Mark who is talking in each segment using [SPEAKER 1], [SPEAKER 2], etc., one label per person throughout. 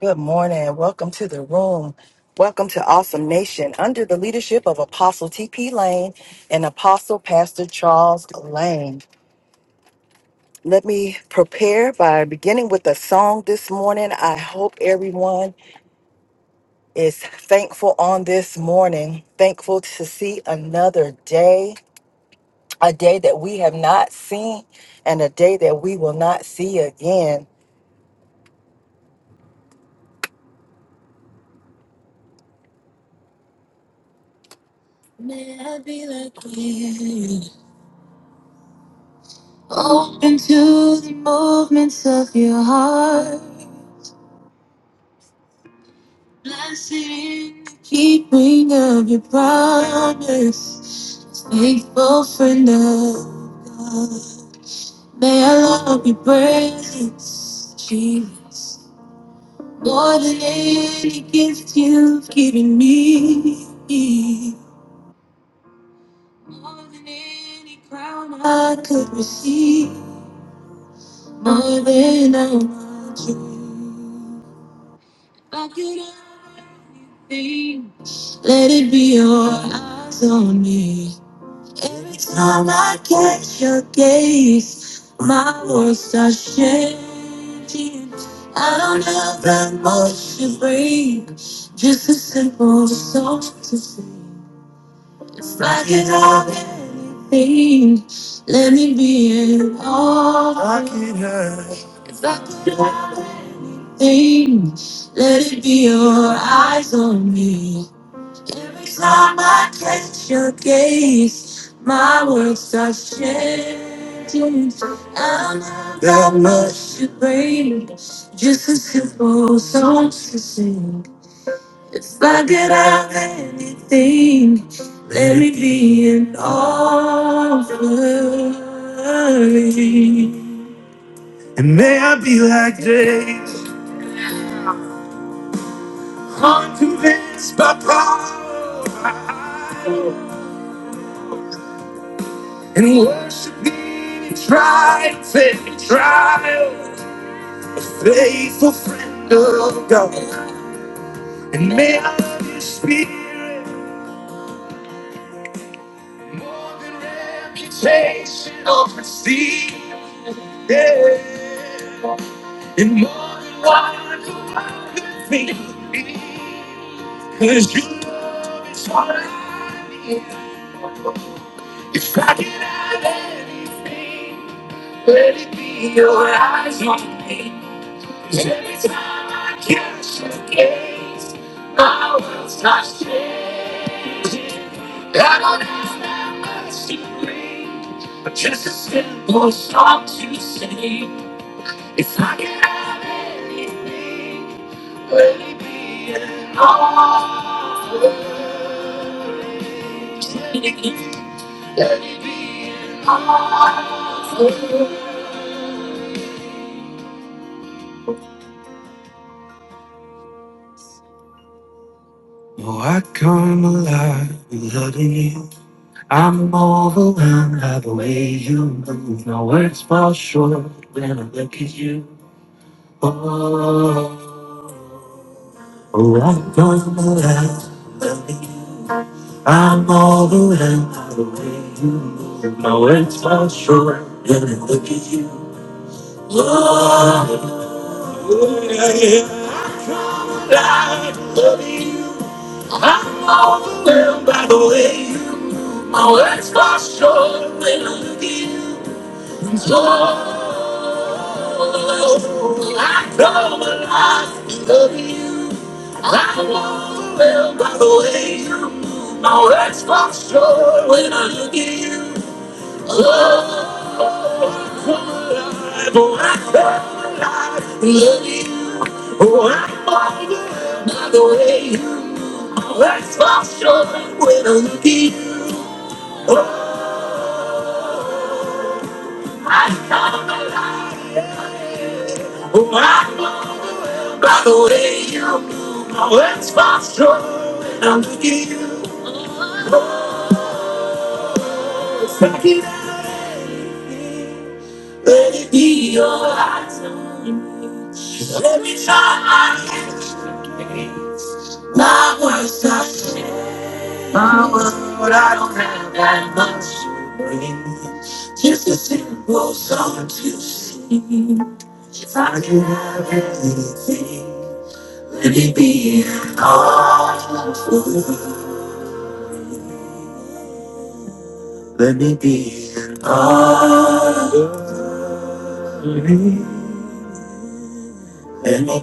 [SPEAKER 1] Good morning. Welcome to the room. Welcome to Awesome Nation under the leadership of Apostle T.P. Lane and Apostle Pastor Charles Lane. Let me prepare by beginning with a song this morning. I hope everyone is thankful on this morning, thankful to see another day, a day that we have not seen, and a day that we will not see again. Never be like you. Open to the movements of your heart. Blessed in the keeping of your promise. Faithful friend of God. May I love your presence, Jesus. More than any gift you've given me. More than any crown I could receive. More than I dream. I could have anything. Let it be your eyes on me. Every time I catch your gaze, my world starts changing. I don't have that much to bring, just a simple song to sing. If I could have anything, let me be it all. I could have. If I could have anything, let it be your eyes on me. Every time I catch your gaze, my world starts changing. I don't know that much to bring, just a simple song to sing. If I could have anything, let me be in all of you. And may I be like James, unconvinced by pride, and worship me in triumph and trial. A faithful friend of God, and may I love your spirit more than reputation or prestige. Yeah. And more than what I could think. Cause you love is what I need. If I could have anything, let it be your eyes on me. 'Cause every time I catch your gaze, my world starts changing. I don't have that much to bring, but just a simple song to sing. If I could have anything, let it be all. you. Oh, I come alive loving you. I'm overwhelmed by the way you move. My words fall short when I look at you. Oh, oh I come alive loving you. I'm overwhelmed by the way you move. My words fall short when I look at you. Sure, when I look at you, Oh, oh I love you. Oh, I I you. By the way you wax my shoulder when I I I'm look at you. you Oh, I love my life. oh I love you by the way you move, my words fall short when I look at you. Back it up, let it be your eyes on me. Every time I get my words, I say. Mama, I don't have that much to bring. Just a simple song to sing. If I could have a thing, let me be an all. Let me be an all. Let me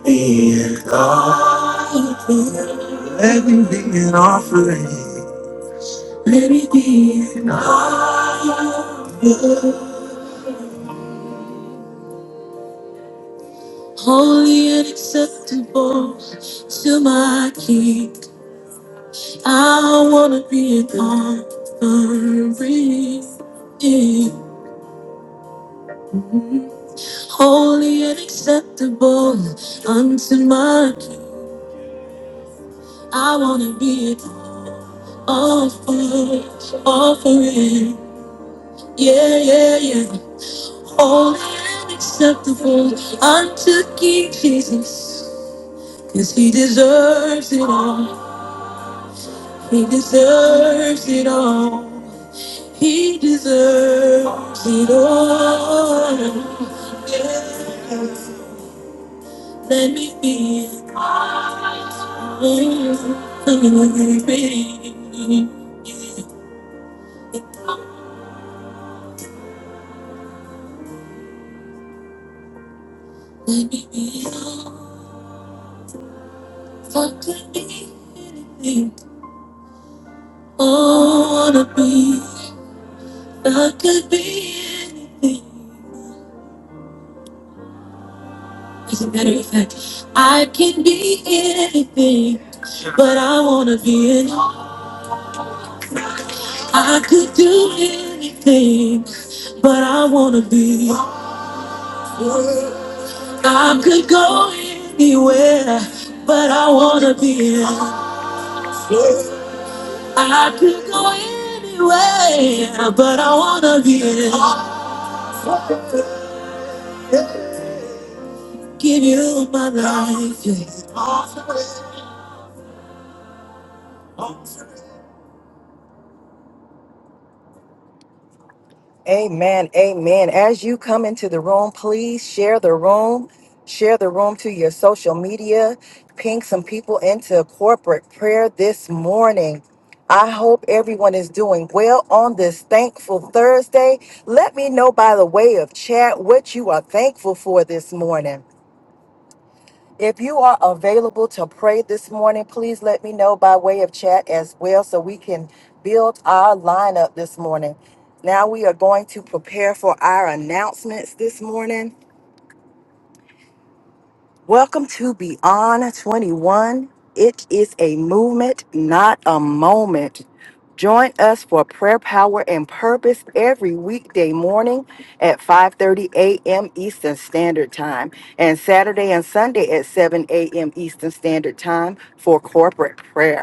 [SPEAKER 1] be an offering. Let me be an offering. Let me be an offering. Holy and acceptable to my King. I wanna be an offering, holy and acceptable unto my King. I wanna be an offering, offering, yeah, yeah, yeah, holy and acceptable unto King Jesus, 'cause He deserves it all. He deserves it all. He deserves it all. Yes. Let me be. baby. Let me be. Let What could be anything? Oh, I wanna be. I could be anything. As a matter of fact, I can be anything, but I wanna be anything. I could do anything, but I wanna be. I could go anywhere, but I wanna be. I could go anywhere, but I wanna be. Give you my life. yeah. Amen. Amen. As you come into the room, please share the room. Share the room to your social media. Ping some people into corporate prayer this morning. I hope everyone is doing well on this thankful Thursday. Let me know by the way of chat what you are thankful for this morning. If you are available to pray this morning, please let me know by way of chat as well so we can build our lineup this morning. Now we are going to prepare for our announcements this morning. Welcome to Beyond 21. It is a movement, not a moment. Join us for prayer, power, and purpose every weekday morning at 5:30 a.m. Eastern Standard Time and Saturday and Sunday at 7 a.m. Eastern Standard Time for corporate prayer.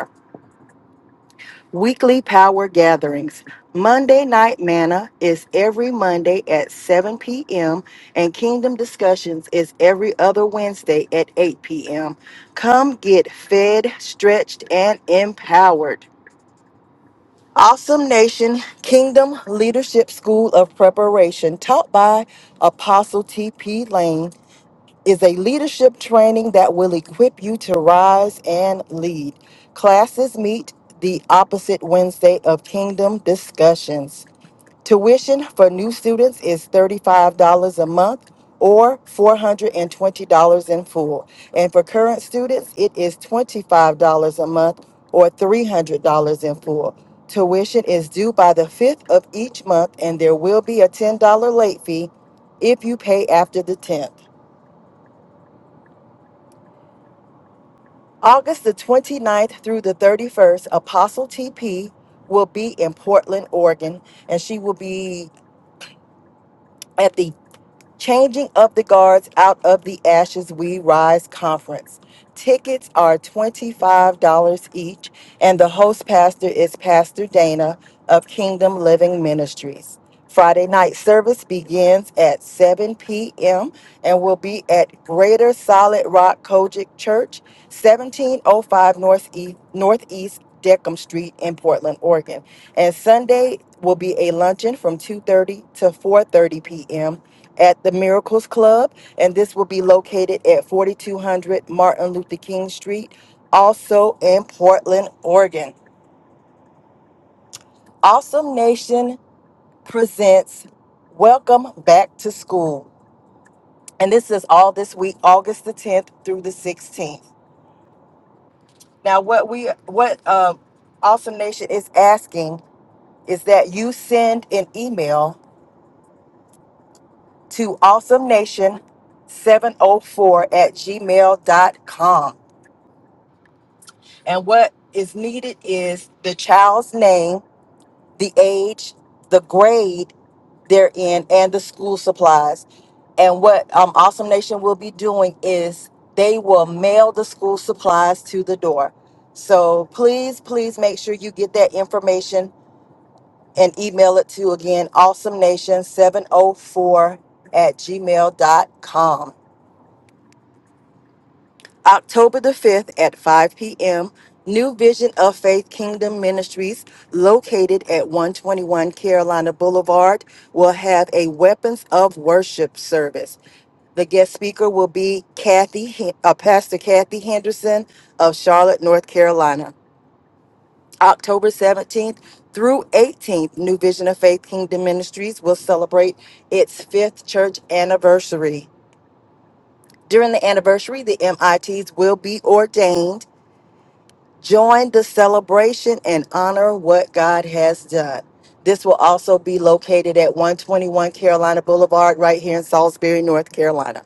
[SPEAKER 1] Weekly power gatherings. Monday Night Manna is every Monday at 7 p.m., and Kingdom Discussions is every other Wednesday at 8 p.m. Come get fed, stretched, and empowered. Awesome Nation Kingdom Leadership School of Preparation, taught by Apostle T.P. Lane is a leadership training that will equip you to rise and lead. Classes meet the opposite Wednesday of Kingdom Discussions. Tuition for new students is $35 a month or $420 in full. And for current students, it is $25 a month or $300 in full. Tuition is due by the 5th of each month, and there will be a $10 late fee if you pay after the 10th. August the 29th through the 31st, Apostle TP will be in Portland, Oregon, and she will be at the Changing of the Guards Out of the Ashes We Rise conference. Tickets are $25 each, and the host pastor is Pastor Dana of Kingdom Living Ministries. Friday night service begins at 7 p.m. and will be at Greater Solid Rock Kojic Church, 1705 Northeast, Northeast Deckham Street in Portland, Oregon. And Sunday will be a luncheon from 2:30 to 4:30 p.m at the Miracles Club, and this will be located at 4200 Martin Luther King Street, also in Portland, Oregon. Awesome Nation presents Welcome Back to School, and this is all this week, August the 10th through the 16th. Now, what we what uh, Awesome Nation is asking is that you send an email to Awesome Nation 704 at gmail dot com. And what is needed is the child's name, the age, the grade they're in, and the school supplies. And what um, Awesome Nation will be doing is they will mail the school supplies to the door. So please, please make sure you get that information and email it to again, Awesome Nation 704 at gmail dot com. October the 5th at 5 p.m., New Vision of Faith Kingdom Ministries, located at 121 Carolina Boulevard, will have a Weapons of Worship service. The guest speaker will be Kathy, Hen- uh, Pastor Kathy Henderson of Charlotte, North Carolina. October 17th through 18th, New Vision of Faith Kingdom Ministries will celebrate its fifth church anniversary. During the anniversary, the MITs will be ordained Join the celebration and honor what God has done. This will also be located at 121 Carolina Boulevard, right here in Salisbury, North Carolina.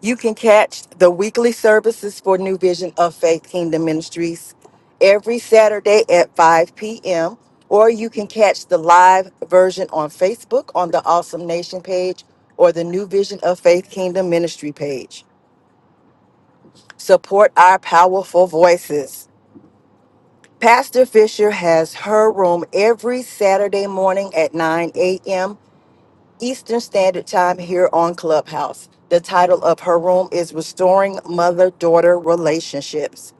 [SPEAKER 1] You can catch the weekly services for New Vision of Faith Kingdom Ministries every Saturday at 5 p.m., or you can catch the live version on Facebook on the Awesome Nation page or the New Vision of Faith Kingdom Ministry page. Support our powerful voices. Pastor Fisher has her room every Saturday morning at 9 a.m. Eastern Standard Time here on Clubhouse. The title of her room is Restoring Mother Daughter Relationships.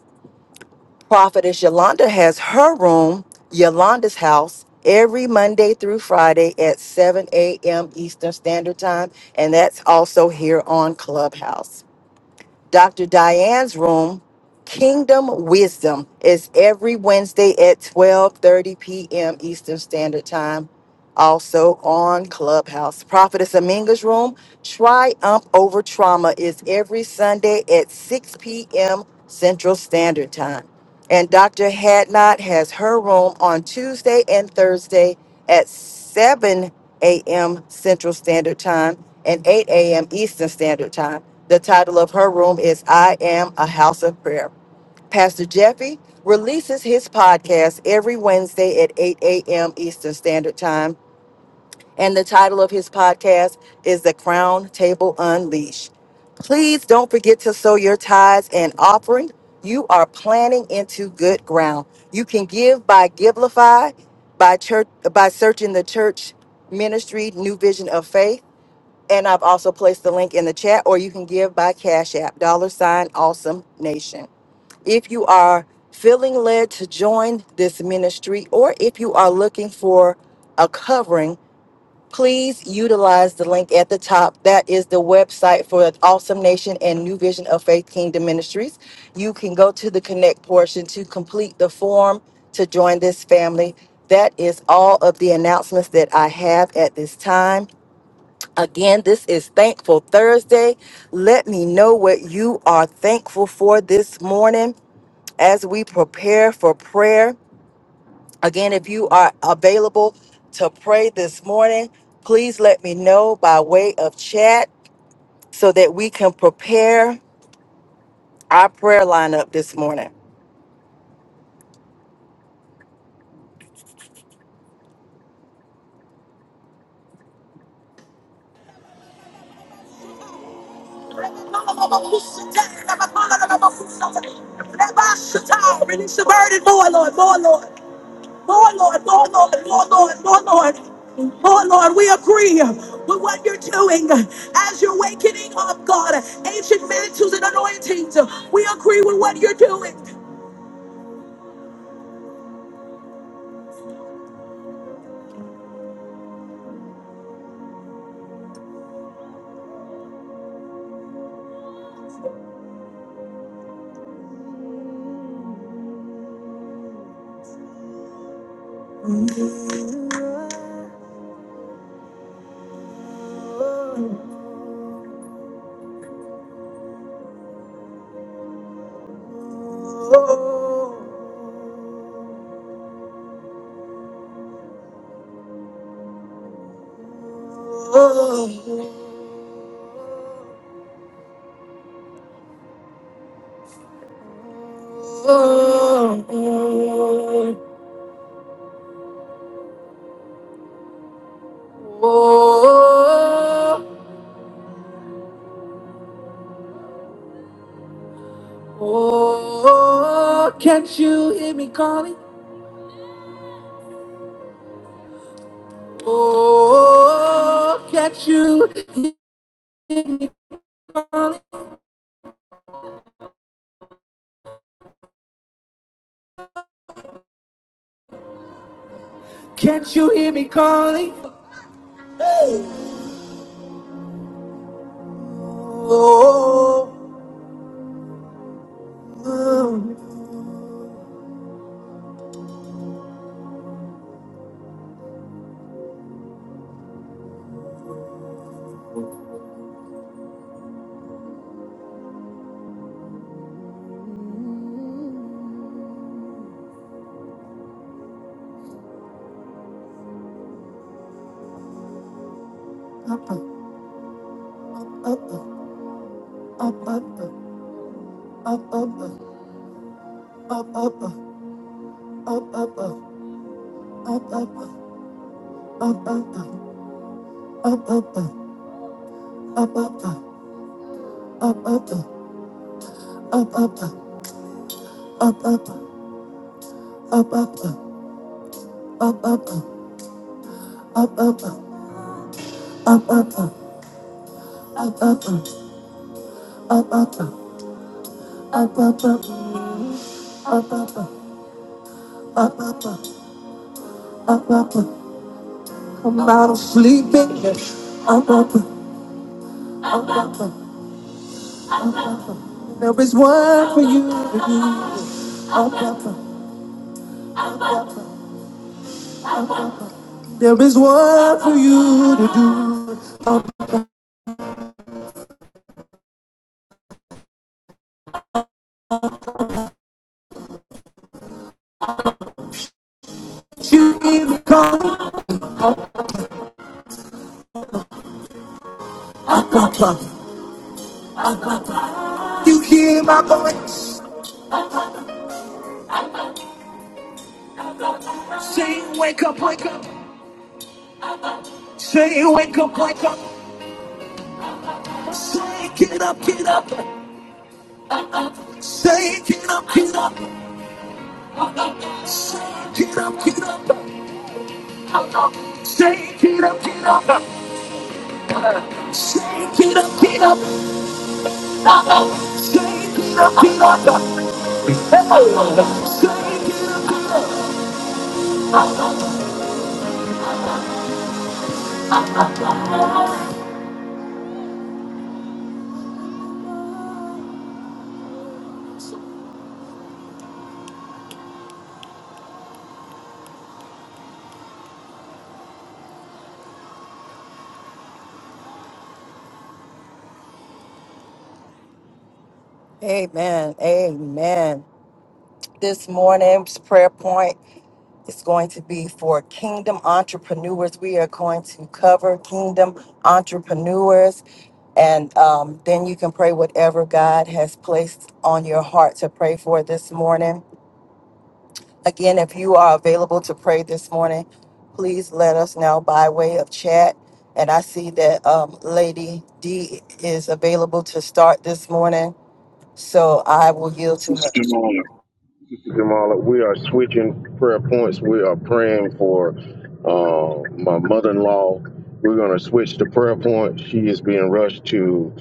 [SPEAKER 1] Prophetess Yolanda has her room, Yolanda's House, every Monday through Friday at 7 a.m. Eastern Standard Time, and that's also here on Clubhouse. Dr. Diane's room, Kingdom Wisdom, is every Wednesday at 12:30 p.m. Eastern Standard Time. Also on Clubhouse. Prophetess Aminga's room, Triumph Over Trauma, is every Sunday at 6 p.m. Central Standard Time. And Dr. Hadnot has her room on Tuesday and Thursday at 7 a.m. Central Standard Time and 8 a.m. Eastern Standard Time. The title of her room is I Am a House of Prayer. Pastor Jeffy releases his podcast every Wednesday at 8 a.m. Eastern Standard Time. And the title of his podcast is The Crown Table Unleashed. Please don't forget to sow your tithes and offering. You are planting into good ground. You can give by Givelify, by church, by searching the church ministry, New Vision of Faith and I've also placed the link in the chat, or you can give by Cash App, dollar sign awesome nation. If you are feeling led to join this ministry, or if you are looking for a covering, please utilize the link at the top. That is the website for Awesome Nation and New Vision of Faith Kingdom Ministries. You can go to the connect portion to complete the form to join this family. That is all of the announcements that I have at this time. Again, this is Thankful Thursday. Let me know what you are thankful for this morning as we prepare for prayer. Again, if you are available to pray this morning, please let me know by way of chat so that we can prepare our prayer lineup this morning. Release the burden, more Lord, more Lord. Lord, Lord, Lord, Lord, Lord, Lord, Lord, Lord. Lord, Lord, we agree with what you're doing as you're wakening up, God. Ancient mantles and anointings, we agree with what you're doing. Can't you hear me calling? Oh, catch you. You need to call You hear my voice? Say wake up, wake up. Say wake up, wake up. Say get up, get up. Say get up, get up. get up, get up. Say get up, get up. Say get up, get up. Say get up, get up. Amen. Amen. This morning's prayer point is going to be for kingdom entrepreneurs. We are going to cover kingdom entrepreneurs, and um, then you can pray whatever God has placed on your heart to pray for this morning. Again, if you are available to pray this morning, please let us know by way of chat. And I see that um, Lady D is available to start this morning, so I will yield to her.
[SPEAKER 2] Sister Jamala. Jamala, we are switching prayer points. We are praying for uh, my mother-in-law. We're going to switch the prayer point. She is being rushed to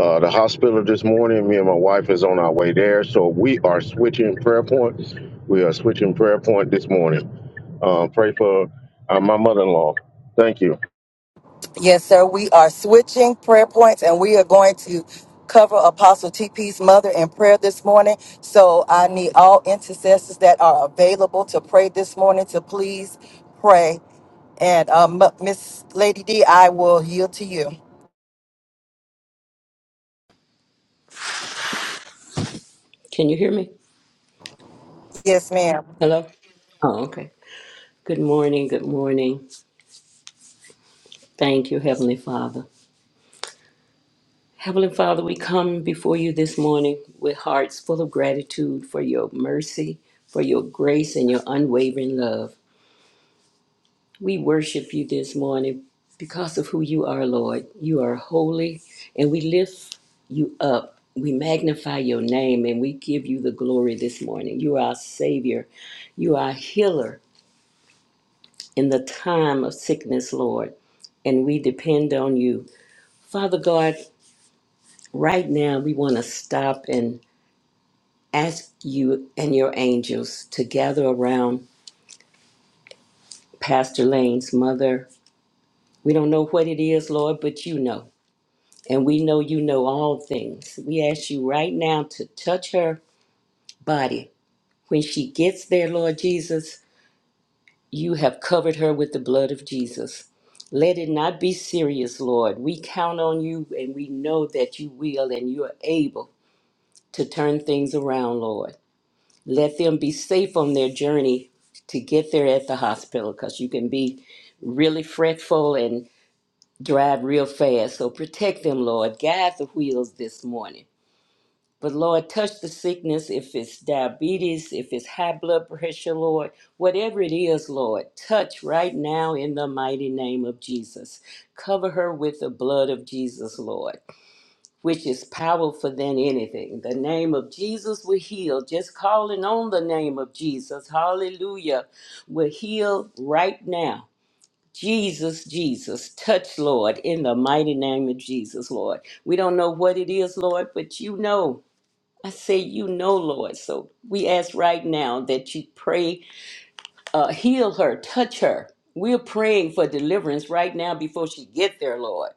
[SPEAKER 2] uh, the hospital this morning. Me and my wife is on our way there, so we are switching prayer points. We are switching prayer point this morning. Uh, pray for uh, my mother-in-law. Thank you.
[SPEAKER 1] Yes, sir. We are switching prayer points and we are going to cover Apostle TP's mother in prayer this morning. So I need all intercessors that are available to pray this morning to please pray. And um, Miss Lady D, I will yield to you.
[SPEAKER 3] Can you hear me?
[SPEAKER 1] Yes, ma'am.
[SPEAKER 3] Hello? Oh, okay. Good morning. Good morning. Thank you, Heavenly Father. Heavenly Father, we come before you this morning with hearts full of gratitude for your mercy, for your grace, and your unwavering love. We worship you this morning because of who you are, Lord. You are holy, and we lift you up. We magnify your name and we give you the glory this morning. You are our Savior. You are a healer. in the time of sickness, Lord, and we depend on you. Father God, right now we want to stop and ask you and your angels to gather around Pastor Lane's mother. We don't know what it is, Lord, but you know. And we know you know all things. We ask you right now to touch her body. When she gets there, Lord Jesus, You have covered her with the blood of Jesus. Let it not be serious, Lord. We count on you and we know that you will and you are able to turn things around, Lord. Let them be safe on their journey to get there at the hospital because you can be really fretful and drive real fast. So protect them, Lord. Guide the wheels this morning. But Lord, touch the sickness, if it's diabetes, if it's high blood pressure, Lord, whatever it is, Lord, touch right now in the mighty name of Jesus. Cover her with the blood of Jesus, Lord, which is powerful than anything. The name of Jesus will heal. Just calling on the name of Jesus, hallelujah, will heal right now. Jesus, Jesus, touch, Lord, in the mighty name of Jesus, Lord. We don't know what it is, Lord, but you know. I say, You know, Lord. So we ask right now that you pray, uh, heal her, touch her. We're praying for deliverance right now before she get there, Lord.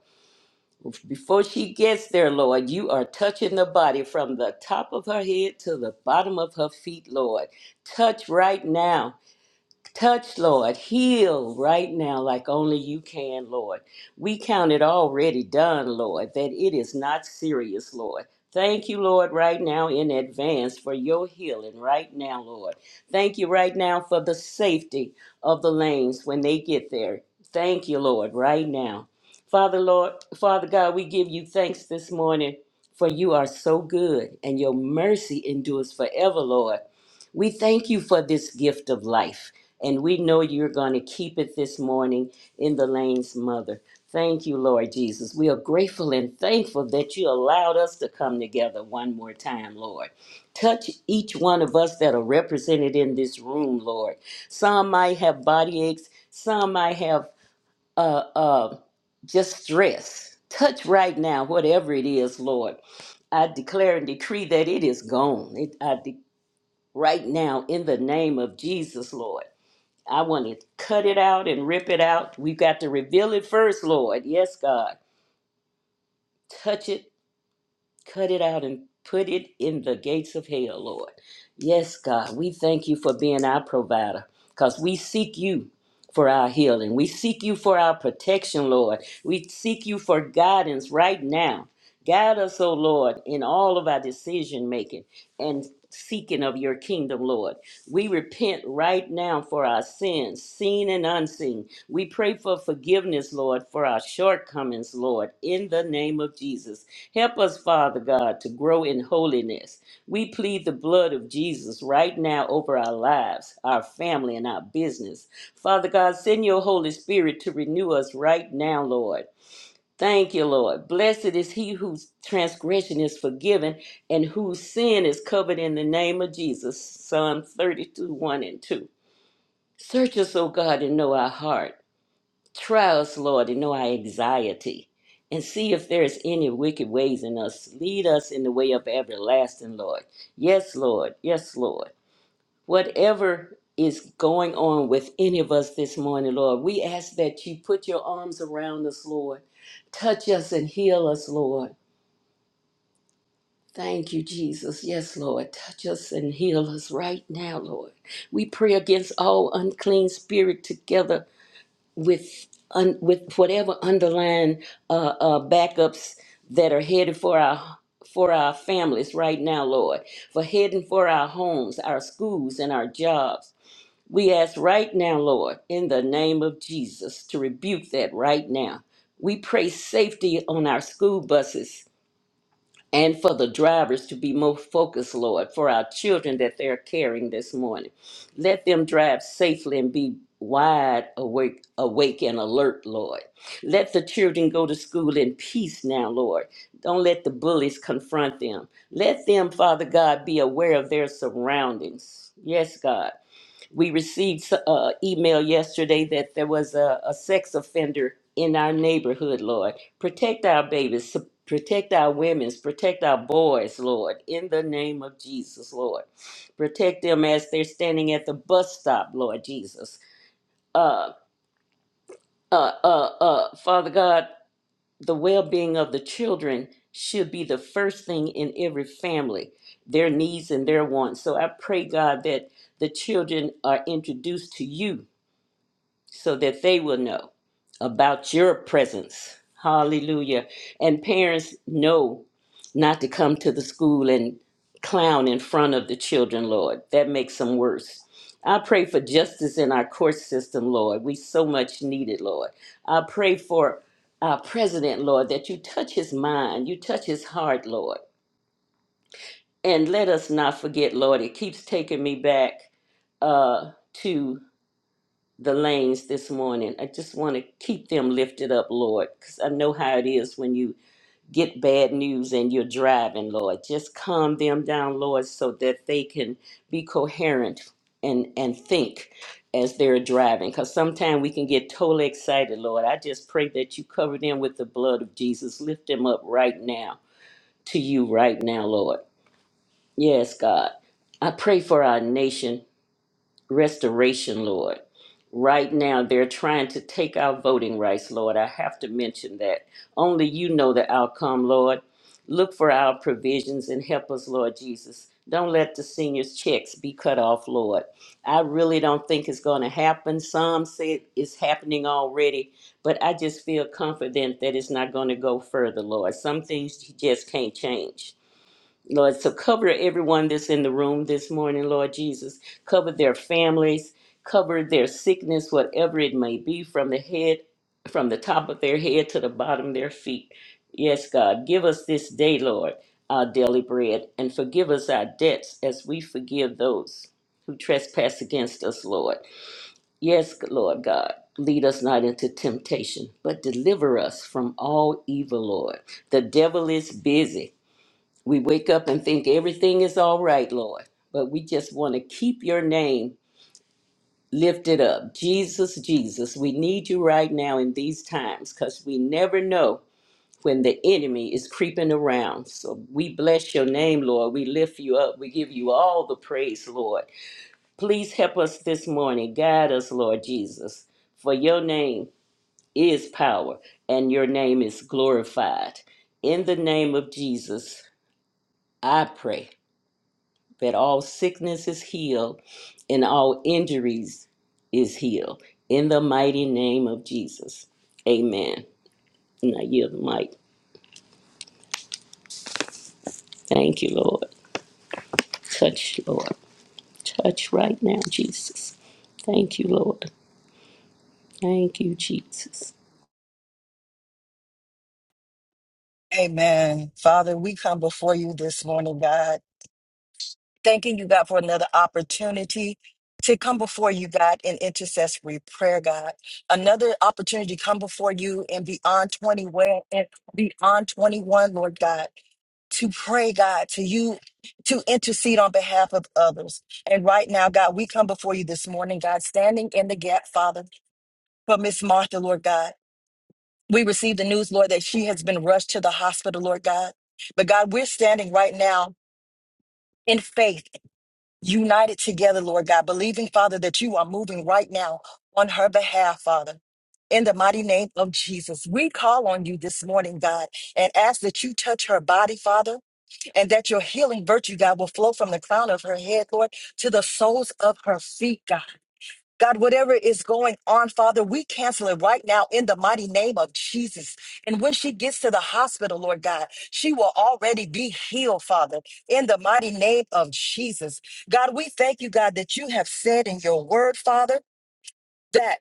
[SPEAKER 3] Before she gets there, Lord, you are touching the body from the top of her head to the bottom of her feet, Lord. Touch right now. Touch, Lord. Heal right now like only you can, Lord. We count it already done, Lord, that it is not serious, Lord. Thank you, Lord, right now in advance for your healing right now, Lord. Thank you right now for the safety of the lanes when they get there. Thank you, Lord, right now. Father, Lord, Father God, we give you thanks this morning for you are so good and your mercy endures forever, Lord. We thank you for this gift of life. And we know you're going to keep it this morning in the lane's mother. Thank you, Lord Jesus. We are grateful and thankful that you allowed us to come together one more time, Lord. Touch each one of us that are represented in this room, Lord. Some might have body aches, some might have uh, uh, just stress. Touch right now, whatever it is, Lord. I declare and decree that it is gone. It, I de- right now, in the name of Jesus, Lord. I want to cut it out and rip it out. We've got to reveal it first, Lord. Yes, God. Touch it Cut it out and put it in the gates of hell, Lord. Yes, God, we thank you for being our provider because we seek you for our healing. We seek you for our protection, Lord. We seek you for guidance right now. Guide us, O Lord, in all of our decision making and seeking of your kingdom, Lord. We repent right now for our sins, seen and unseen. We pray for forgiveness, Lord, for our shortcomings, Lord, in the name of Jesus. Help us, Father God, to grow in holiness. We plead the blood of Jesus right now over our lives, our family, and our business. Father God, send your Holy Spirit to renew us right now, Lord. Thank you, Lord. Blessed is he whose transgression is forgiven and whose sin is covered in the name of Jesus. Psalm 32 1 and 2. Search us, O God, and know our heart trials, Lord, and know our anxiety, and see if there is any wicked ways in us. Lead us in the way of everlasting, Lord. Yes, Lord. Yes, Lord. Whatever is going on with any of us this morning, Lord, we ask that you put your arms around us, Lord. Touch us and heal us, Lord. Thank you, Jesus. Yes, Lord. Touch us and heal us right now, Lord. We pray against all unclean spirit together with un, with whatever underlying uh, uh, backups that are headed for our for our families right now, Lord, for heading for our homes, our schools, and our jobs. We ask right now, Lord, in the name of Jesus, to rebuke that right now. We pray safety on our school buses and for the drivers to be more focused, Lord, for our children that they're carrying this morning. Let them drive safely and be wide awake, awake and alert, Lord. Let the children go to school in peace now, Lord. Don't let the bullies confront them. Let them, Father God, be aware of their surroundings. Yes, God. We received an email yesterday that there was a, a sex offender in our neighborhood, Lord. Protect our babies, su- protect our women's, protect our boys, Lord, in the name of Jesus, Lord. Protect them as they're standing at the bus stop, Lord Jesus. Uh, uh, uh, uh, Father God, the well being of the children should be the first thing in every family, their needs and their wants. So I pray, God, that the children are introduced to you so that they will know about your presence. Hallelujah. And parents know not to come to the school and clown in front of the children, Lord. That makes them worse. I pray for justice in our court system, Lord. We so much need it, Lord. I pray for our president, Lord, that you touch his mind, you touch his heart, Lord. And let us not forget, Lord, it keeps taking me back uh, to the lanes this morning. I just want to keep them lifted up, Lord, because I know how it is when you get bad news and you're driving, Lord. Just calm them down, Lord, so that they can be coherent and, and think as they're driving. Because sometimes we can get totally excited, Lord. I just pray that you cover them with the blood of Jesus. Lift them up right now to you, right now, Lord. Yes, God. I pray for our nation restoration, Lord. Right now, they're trying to take our voting rights, Lord. I have to mention that. Only you know the outcome, Lord. Look for our provisions and help us, Lord Jesus. Don't let the seniors' checks be cut off, Lord. I really don't think it's going to happen. Some say it's happening already, but I just feel confident that it's not going to go further, Lord. Some things you just can't change. Lord, so cover everyone that's in the room this morning, Lord Jesus. Cover their families, cover their sickness, whatever it may be, from the head, from the top of their head to the bottom of their feet. Yes, God, give us this day, Lord, our daily bread, and forgive us our debts as we forgive those who trespass against us, Lord. Yes, Lord God, lead us not into temptation, but deliver us from all evil, Lord. The devil is busy we wake up and think everything is all right, Lord, but we just want to keep your name lifted up. Jesus, Jesus, we need you right now in these times because we never know when the enemy is creeping around. So we bless your name, Lord. We lift you up. We give you all the praise, Lord. Please help us this morning. Guide us, Lord Jesus, for your name is power and your name is glorified. In the name of Jesus, I pray. that all sickness is healed and all injuries is healed. In the mighty name of Jesus. Amen. And I yield the mic. Thank you, Lord. Touch, Lord. Touch right now, Jesus. Thank you, Lord. Thank you, Jesus.
[SPEAKER 1] Amen. Father, we come before you this morning, God. thanking you, God, for another opportunity to come before you, God, in intercessory prayer, God. Another opportunity to come before you and beyond 21 and beyond 21, Lord God, to pray, God, to you, to intercede on behalf of others. And right now, God, we come before you this morning, God, standing in the gap, Father, for Miss Martha, Lord God. We received the news, Lord, that she has been rushed to the hospital, Lord God. But God, we're standing right now in faith united together, Lord God, believing, Father, that you are moving right now on her behalf, Father. In the mighty name of Jesus, we call on you this morning, God, and ask that you touch her body, Father, and that your healing virtue, God, will flow from the crown of her head, Lord, to the soles of her feet, God. God, whatever is going on, Father, we cancel it right now in the mighty name of Jesus. And when she gets to the hospital, Lord God, she will already be healed, Father, in the mighty name of Jesus. God, we thank you, God, that you have said in your word, Father. that.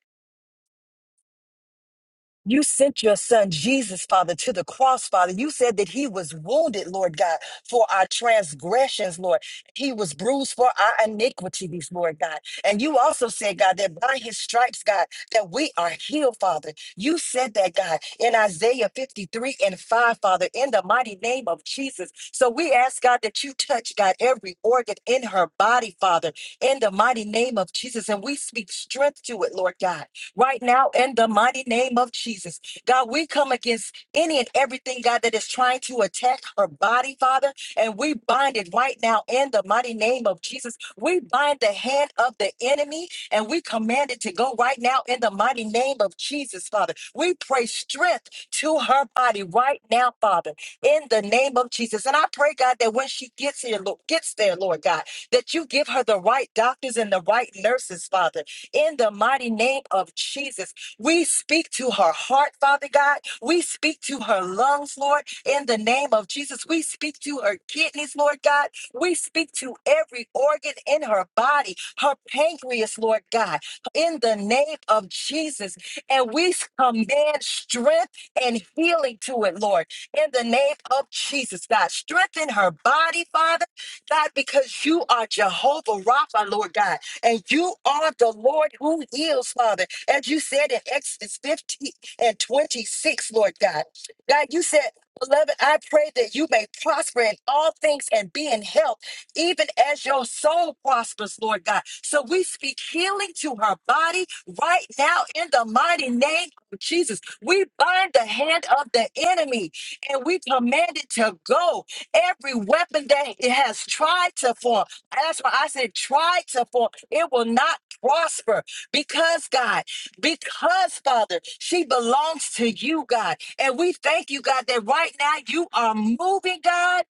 [SPEAKER 1] You sent your son Jesus, Father, to the cross, Father. You said that he was wounded, Lord God, for our transgressions, Lord. He was bruised for our iniquities, Lord God. And you also said, God, that by his stripes, God, that we are healed, Father. You said that, God, in Isaiah 53 and 5, Father, in the mighty name of Jesus. So we ask, God, that you touch, God, every organ in her body, Father, in the mighty name of Jesus. And we speak strength to it, Lord God right now in the mighty name of Jesus. God, we come against any and everything, God, that is trying to attack her body, Father, and we bind it right now in the mighty name of Jesus. We bind the hand of the enemy and we command it to go right now in the mighty name of Jesus, Father. We pray strength to her body right now, Father, in the name of Jesus. And I pray, God, that when she gets here, Lord, gets there, Lord God, that you give her the right doctors and the right nurses, Father in the mighty name of Jesus. We speak to her heart, Father God. We speak to her lungs, Lord, in the name of Jesus. We speak to her kidneys, Lord God. We speak to every organ in her body, her pancreas, Lord God, in the name of Jesus. And we command strength and healing to it, Lord, in the name of Jesus, God. Strengthen her body, Father, God, because you are Jehovah Rapha, Lord God. And you are the Lord who heals, Father. As you said in Exodus 15 and 26, Lord God. God, you said, Beloved, I pray that you may prosper in all things and be in health, even as your soul prospers, Lord God. So we speak healing to her body right now in the mighty name of Jesus. We bind the hand of the enemy and we command it to go. Every weapon that it has tried to form. And That's why I said try to form. It will not prosper because God, because Father, she belongs to you, God. And we thank you, God, that right now you are moving, God.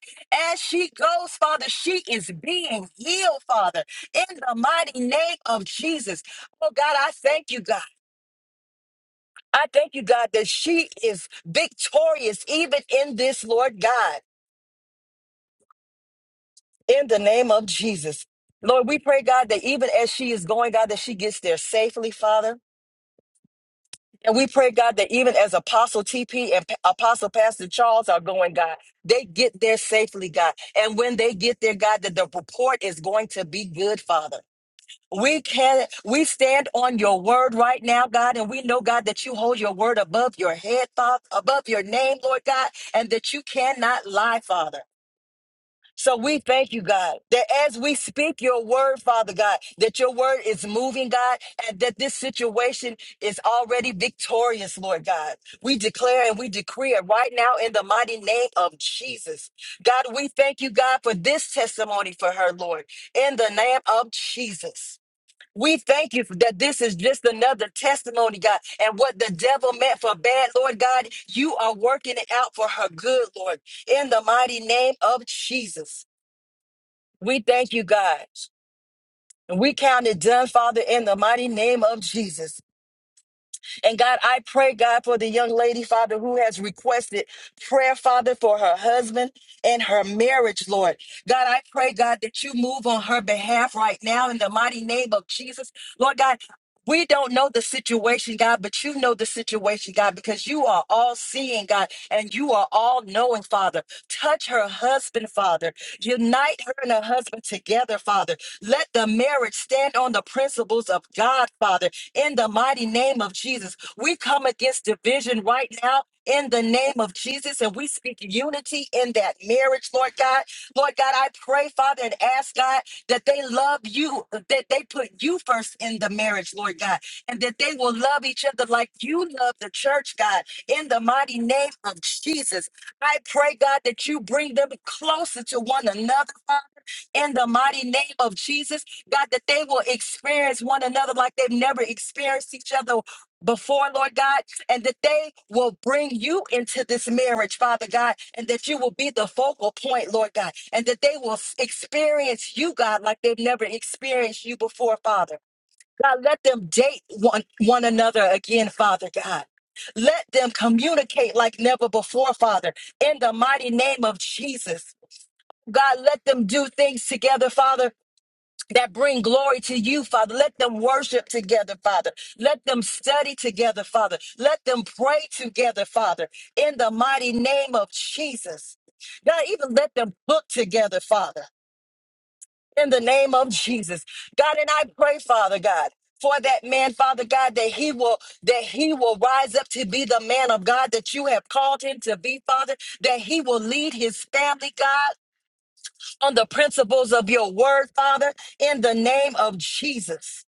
[SPEAKER 1] As she goes, Father, she is being healed, Father, in the mighty name of Jesus. Oh, God, I thank you, God. I thank you, God, that she is victorious even in this, Lord God. In the name of Jesus. Lord, we pray, God, that even as she is going, God, that she gets there safely, Father. And we pray, God, that even as Apostle TP and Pa- Apostle Pastor Charles are going, God, they get there safely, God. And when they get there, God, that the report is going to be good, Father. We can we stand on your word right now, God, and we know, God, that you hold your word above your head, Father, above your name, Lord God, and that you cannot lie, Father. So we thank you, God, that as we speak your word, Father God, that your word is moving, God, and that this situation is already victorious, Lord God. We declare and we decree it right now in the mighty name of Jesus. God, we thank you, God, for this testimony for her, Lord, in the name of Jesus. We thank you for that this is just another testimony, God. And what the devil meant for bad, Lord God, you are working it out for her good, Lord, in the mighty name of Jesus. We thank you, God. And we count it done, Father, in the mighty name of Jesus. And God, I pray, God, for the young lady, Father, who has requested prayer, Father, for her husband and her marriage, Lord. God, I pray, God, that you move on her behalf right now in the mighty name of Jesus. Lord God, we don't know the situation, God, but you know the situation, God, because you are all seeing, God, and you are all knowing, Father. Touch her husband, Father. Unite her and her husband together, Father. Let the marriage stand on the principles of God, Father in the mighty name of Jesus. We come against division right now in the name of Jesus, and we speak unity in that marriage, Lord God. Lord God, I pray, Father, and ask God that they love you, that they put you first in the marriage, Lord God, and that they will love each other like you love the church, God, in the mighty name of Jesus. I pray, God, that you bring them closer to one another, Father, in the mighty name of Jesus. God, that they will experience one another like they've never experienced each other before, Lord God, and that they will bring you into this marriage, Father God, and that you will be the focal point, Lord God, and that they will s- experience you, God, like they've never experienced you before, Father. God, let them date one, one another again, Father God. Let them communicate like never before, Father, in the mighty name of Jesus. God, let them do things together, Father, that bring glory to you, Father. Let them worship together, Father. Let them study together, Father. Let them pray together, Father, in the mighty name of Jesus. God, even let them book together, Father, in the name of Jesus. God, and I pray, Father God. For that man, Father God, that he will that he will rise up to be the man of God that you have called him to be, Father, that he will lead his family, God on the principles of your word, Father, in the name of Jesus.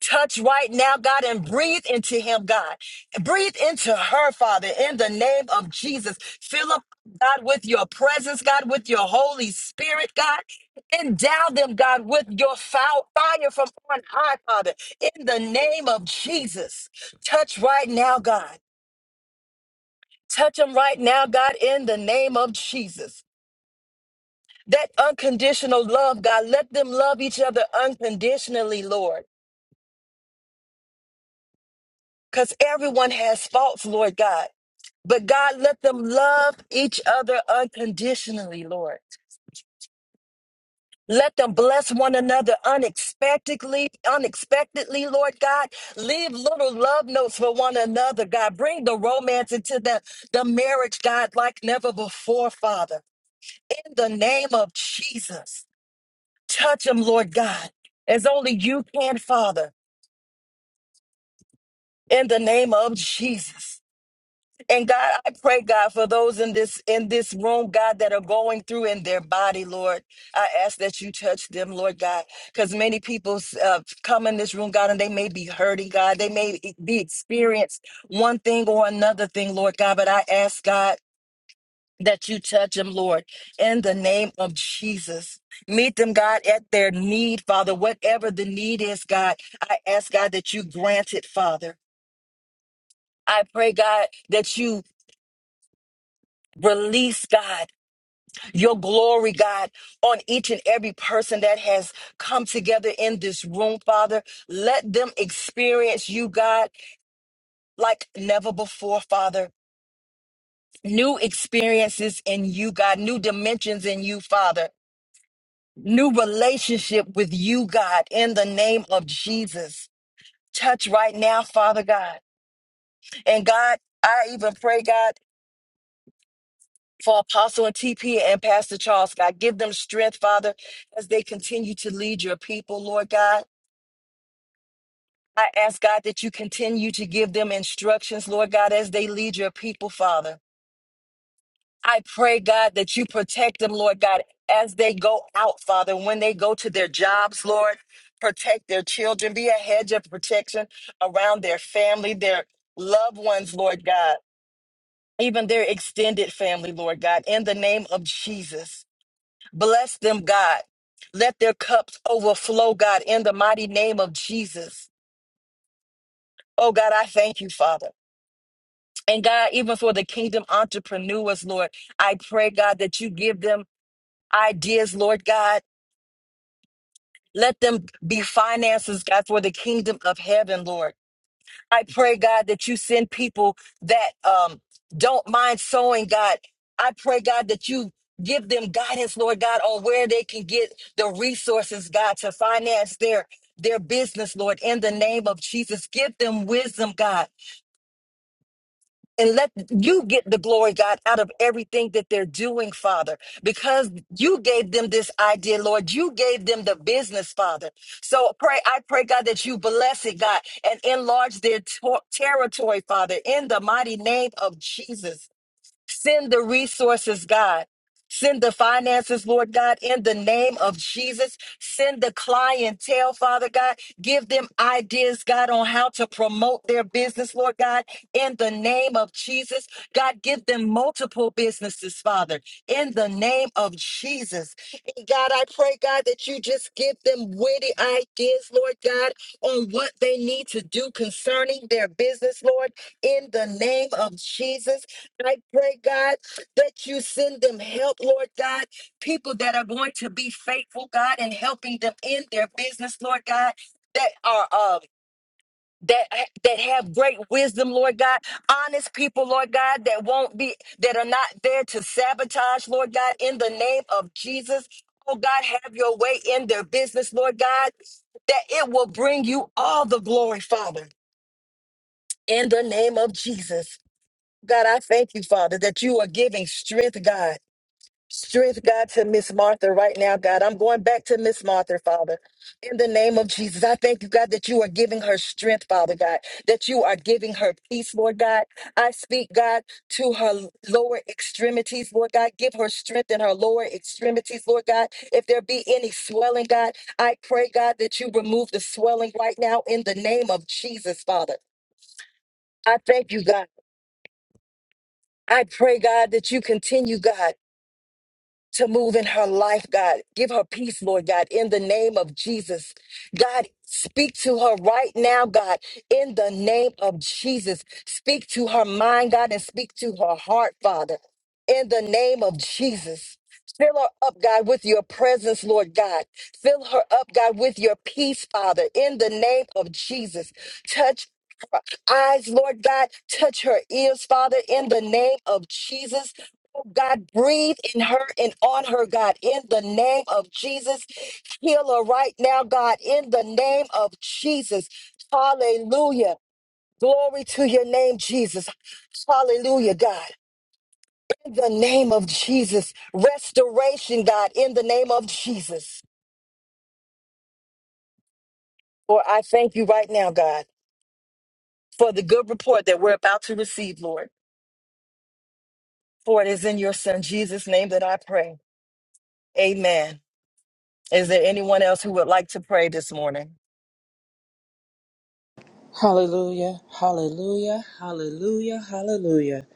[SPEAKER 1] Touch right now, God, and breathe into him, God. Breathe into her, Father, in the name of Jesus. Fill up, God, with your presence, God, with your Holy Spirit, God. Endow them, God, with your foul fire from on high, Father, in the name of Jesus. Touch right now, God. Touch them right now, God, in the name of Jesus. That unconditional love, God, let them love each other unconditionally, Lord, because everyone has faults, Lord God. But God, let them love each other unconditionally, Lord. Let them bless one another unexpectedly, unexpectedly, Lord God. Leave little love notes for one another, God. Bring the romance into the, the marriage, God, like never before, Father. In the name of Jesus, touch them, Lord God, as only you can, Father. in the name of Jesus. And God, I pray, God, for those in this in this room, God, that are going through in their body, Lord, I ask that you touch them, Lord God, because many people uh, come in this room, God, and they may be hurting, God, they may e, be experienced one thing or another thing, Lord God, but I ask God that you touch them, Lord, in the name of Jesus. Meet them, God, at their need, Father, whatever the need is, God. I ask God that you grant it, Father. I pray, God, that you release, God, your glory, God, on each and every person that has come together in this room, Father. Let them experience you, God, like never before, Father. New experiences in you, God, new dimensions in you, Father. New relationship with you, God, in the name of Jesus. Touch right now, Father God. And God, I even pray, God. for Apostle and TP and Pastor Charles, God. Give them strength, Father, as they continue to lead your people, Lord God. I ask, God, that you continue to give them instructions, Lord God, as they lead your people, Father. I pray, God, that you protect them, Lord God, as they go out, Father, when they go to their jobs, Lord. Protect their children. Be a hedge of protection around their family, their loved ones, Lord God, even their extended family, Lord God, in the name of Jesus. Bless them, God. Let their cups overflow, God, in the mighty name of Jesus. Oh, God, I thank you, Father. And God, even for the kingdom entrepreneurs, Lord, I pray, God, that you give them ideas, Lord God. Let them be finances, God, for the kingdom of heaven, Lord. I pray, God, that you send people that um, don't mind sowing, God. I pray, God, that you give them guidance, Lord God, on where they can get the resources, God, to finance their their business, Lord, in the name of Jesus. Give them wisdom, God and let you get the glory, God, out of everything that they're doing, Father, because you gave them this idea, Lord. You gave them the business, Father. So pray, I pray, God, that you bless it, God, and enlarge their to- territory, Father, in the mighty name of Jesus. Send the resources, God. Send the finances, Lord God, in the name of Jesus. Send the clientele, Father God. Give them ideas, God, on how to promote their business, Lord God, in the name of Jesus. God, give them multiple businesses, Father, in the name of Jesus. And God, I pray, God, that you just give them witty ideas, Lord God, on what they need to do concerning their business, Lord, in the name of Jesus. I pray, God, that you send them help, Lord God, people that are going to be faithful, God, and helping them in their business, Lord God, that are um that that have great wisdom, Lord God, honest people, Lord God, that won't be that are not there to sabotage, Lord God, in the name of Jesus. Oh God, have your way in their business, Lord God, that it will bring you all the glory, Father, in the name of Jesus. God, I thank you, Father, that you are giving strength, God. Strength, God, to Miss Martha right now, God. I'm going back to Miss Martha, Father. In the name of Jesus, I thank you, God, that you are giving her strength, Father God, that you are giving her peace, Lord God. I speak, God, to her lower extremities, Lord God. Give her strength in her lower extremities, Lord God. If there be any swelling, God, I pray, God, that you remove the swelling right now in the name of Jesus, Father. I thank you, God. I pray, God, that you continue, God. to move in her life, God. Give her peace, Lord God, in the name of Jesus. God, speak to her right now, God, in the name of Jesus. Speak to her mind, God, and speak to her heart, Father, in the name of Jesus. Fill her up, God, with your presence, Lord God. Fill her up, God, with your peace, Father, in the name of Jesus. Touch her eyes, Lord God. Touch her ears, Father, in the name of Jesus. God, breathe in her and on her, God, in the name of Jesus. Heal her right now, God, in the name of Jesus. Hallelujah. Glory to your name, Jesus. Hallelujah, God. In the name of Jesus. Restoration, God, in the name of Jesus. Lord, I thank you right now, God, for the good report that we're about to receive, Lord. For it is in your son, Jesus' name, that I pray. Amen. Is there anyone else who would like to pray this morning?
[SPEAKER 4] Hallelujah, hallelujah, hallelujah, hallelujah.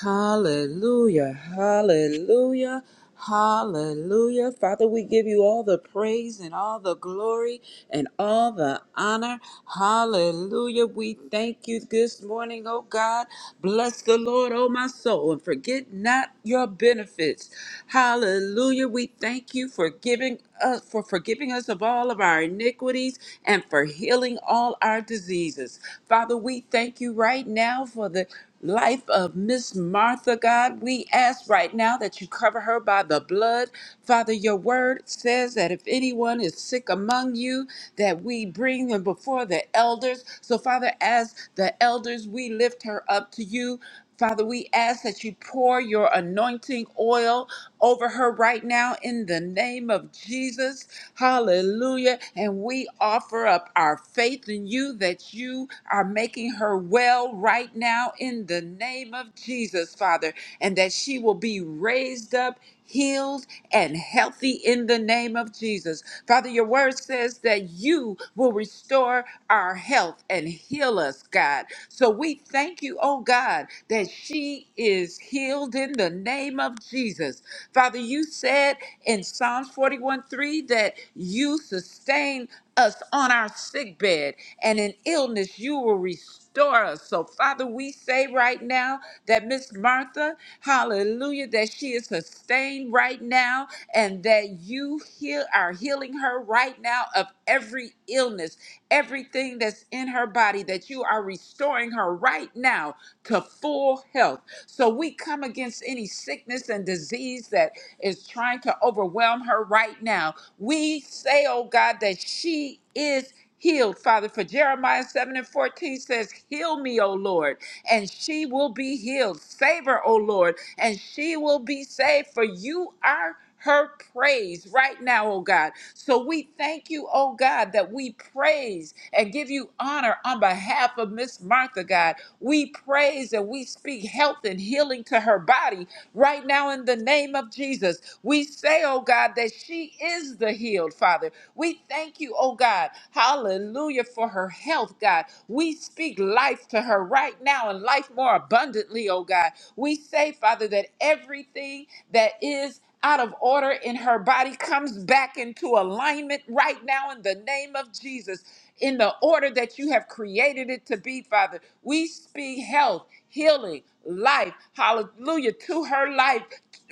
[SPEAKER 4] Hallelujah, hallelujah, hallelujah. Father, we give you all the praise and all the glory and all the honor. Hallelujah. We thank you this morning, oh God. Bless the Lord, oh my soul, and forget not your benefits. Hallelujah. We thank you for giving us for forgiving us of all of our iniquities and for healing all our diseases. Father, we thank you right now for the life of Miss Martha, God. We ask right now that you cover her by the blood. Father, your word says that if anyone is sick among you, that we bring them before the elders. So, Father, as the elders, we lift her up to you. Father, we ask that you pour your anointing oil over her right now in the name of Jesus. Hallelujah. And we offer up our faith in you that you are making her well right now in the name of Jesus, Father and that she will be raised up, healed, and healthy in the name of Jesus. Father, your word says that you will restore our health and heal us, God. So we thank you, oh God, that she is healed in the name of Jesus. Father, you said in Psalms 41 3 that you sustain us on our sick bed, and in illness you will restore us. So, Father, we say right now that Miss Martha Hallelujah. That she is sustained right now and that you heal are healing her right now of every illness, everything that's in her body, that you are restoring her right now to full health. So we come against any sickness and disease that is trying to overwhelm her right now. We say, oh God, that she is healed, Father. For Jeremiah 7 and 14 says, Heal me, O Lord and she will be healed. Save her, O Lord, and she will be saved, for you are her praise right now, oh God. So we thank you, oh God, that we praise and give you honor on behalf of Miss Martha, God. We praise and we speak health and healing to her body right now in the name of Jesus. We say, oh God, that she is the healed, Father. We thank you, oh God, hallelujah, for her health, God. We speak life to her right now and life more abundantly, oh God. We say, Father, that everything that is out of order in her body comes back into alignment right now in the name of Jesus, in the order that you have created it to be, Father. We speak health, healing, life, hallelujah, to her life.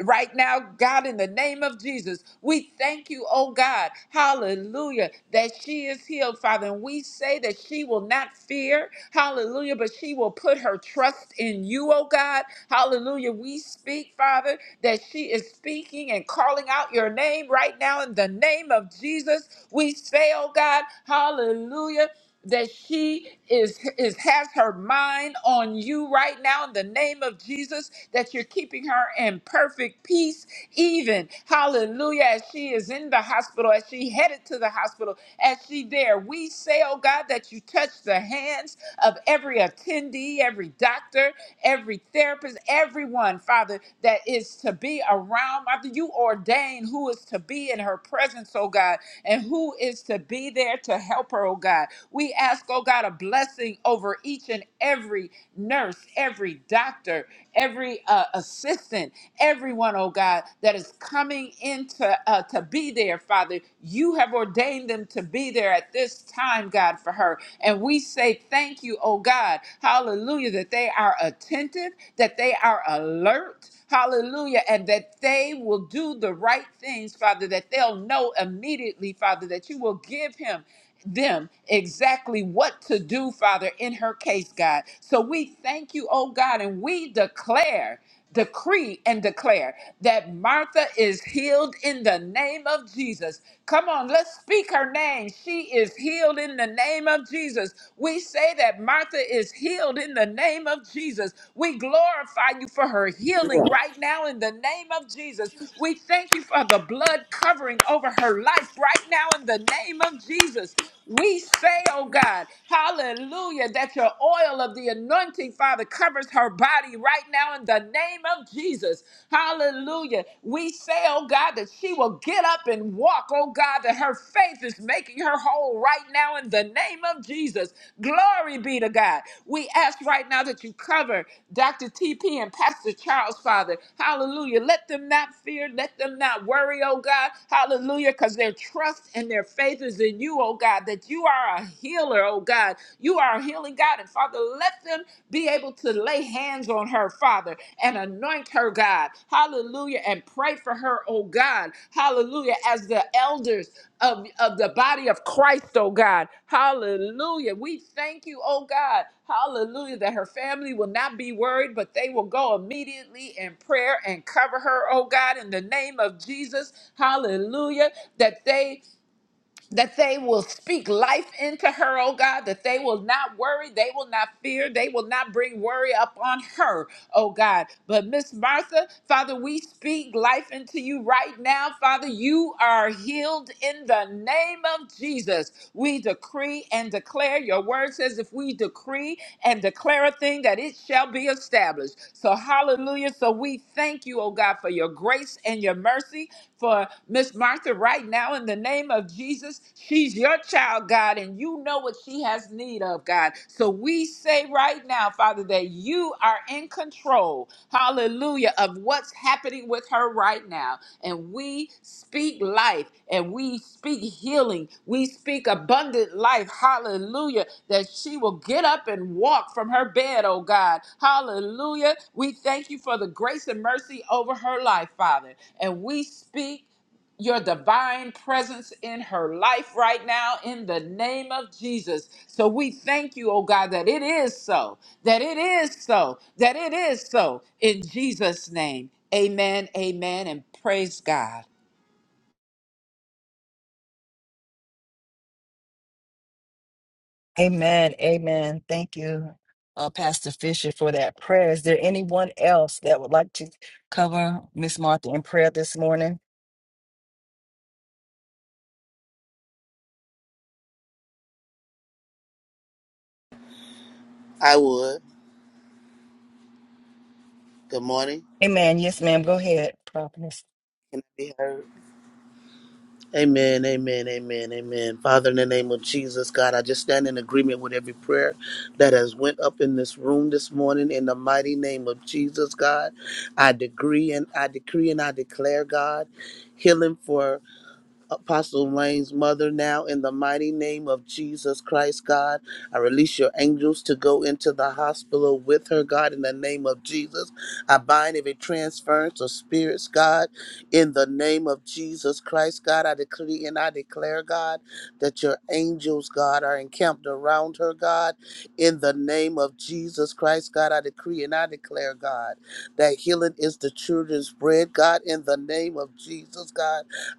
[SPEAKER 4] Right now, God, in the name of Jesus, we thank you, oh God. Hallelujah. That she is healed, Father. And we say that she will not fear. Hallelujah. But she will put her trust in you, oh God. Hallelujah. We speak, Father, that she is speaking and calling out your name right now in the name of Jesus. We say, oh God, hallelujah that she is is has her mind on you right now in the name of Jesus that you're keeping her in perfect peace even hallelujah as she is in the hospital as she headed to the hospital as she there we say oh God that you touch the hands of every attendee every doctor every therapist, everyone, Father, that is to be around. Father, you ordain who is to be in her presence, oh God, and who is to be there to help her, oh God. We ask, oh God, a blessing over each and every nurse, every doctor, every uh, assistant, everyone, oh God, that is coming into uh, to be there, Father. You have ordained them to be there at this time, God, for her. And we say thank you, oh God, hallelujah, that they are attentive, that they are alert. Hallelujah. And that they will do the right things, Father, that they'll know immediately, Father, that you will give him them exactly what to do, Father, in her case, God. So we thank you, oh God, and we declare. Decree and declare that Martha is healed in the name of Jesus. Come on, let's speak her name. She is healed in the name of Jesus. We say that Martha is healed in the name of Jesus. We glorify you for her healing right now in the name of Jesus. We thank you for the blood covering over her life right now in the name of of Jesus, we say, oh God, hallelujah, that your oil of the anointing, Father, covers her body right now in the name of Jesus. Hallelujah. We say, oh God, that she will get up and walk, oh God, that her faith is making her whole right now in the name of Jesus. Glory be to God. We ask right now that you cover Dr. TP and Pastor Charles, Father. Hallelujah. Let them not fear, let them not worry, oh God. Hallelujah, because their trust and their their faith is in you, oh God, that you are a healer, oh God. You are a healing God. And Father, let them be able to lay hands on her, Father, and anoint her, God. Hallelujah. And pray for her, oh God. Hallelujah. As the elders of, of the body of Christ, oh God. Hallelujah. We thank you, oh God. Hallelujah. That her family will not be worried, but they will go immediately in prayer and cover her, oh God, in the name of Jesus. Hallelujah. That they that they will speak life into her, oh God, that they will not worry, they will not fear, they will not bring worry upon her, oh God. But Miss Martha, Father, we speak life into you right now. Father, you are healed in the name of Jesus. We decree and declare, your word says, if we decree and declare a thing, that it shall be established. So, hallelujah. So, we thank you, oh God, for your grace and your mercy for Miss Martha right now in the name of Jesus. She's your child, God, and you know what she has need of, God. So we say right now, Father, that you are in control, hallelujah, of what's happening with her right now and we speak life and we speak healing. We speak abundant life. Hallelujah. That she will get up and walk from her bed, oh God. Hallelujah. We thank you for the grace and mercy over her life, Father. And we speak your divine presence in her life right now in the name of Jesus. So we thank you, oh God, that it is so, that it is so, that it is so in Jesus' name. Amen, amen, and praise God.
[SPEAKER 1] Amen. Amen. Thank you, uh, Pastor Fisher, for that prayer. Is there anyone else that would like to cover Miss Martha in prayer this morning?
[SPEAKER 5] I would. Good morning.
[SPEAKER 1] Amen. Yes, ma'am. Go ahead, prophetess.
[SPEAKER 5] Can I be heard? Amen, amen, amen, amen. Father, in the name of Jesus, God, I just stand in agreement with every prayer that has went up in this room this morning. In the mighty name of Jesus, God, I decree and I decree and I declare, God, healing for. Apostle Lane's mother now in the mighty name of Jesus Christ, God. I release your angels to go into the hospital with her, God, in the name of Jesus. I bind every transference of spirits, God, in the name of Jesus Christ, God. I decree and I declare, God, that your angels, God, are encamped around her, God, in the name of Jesus Christ, God. I decree and I declare, God, that healing is the children's bread, God, in the name of Jesus, God.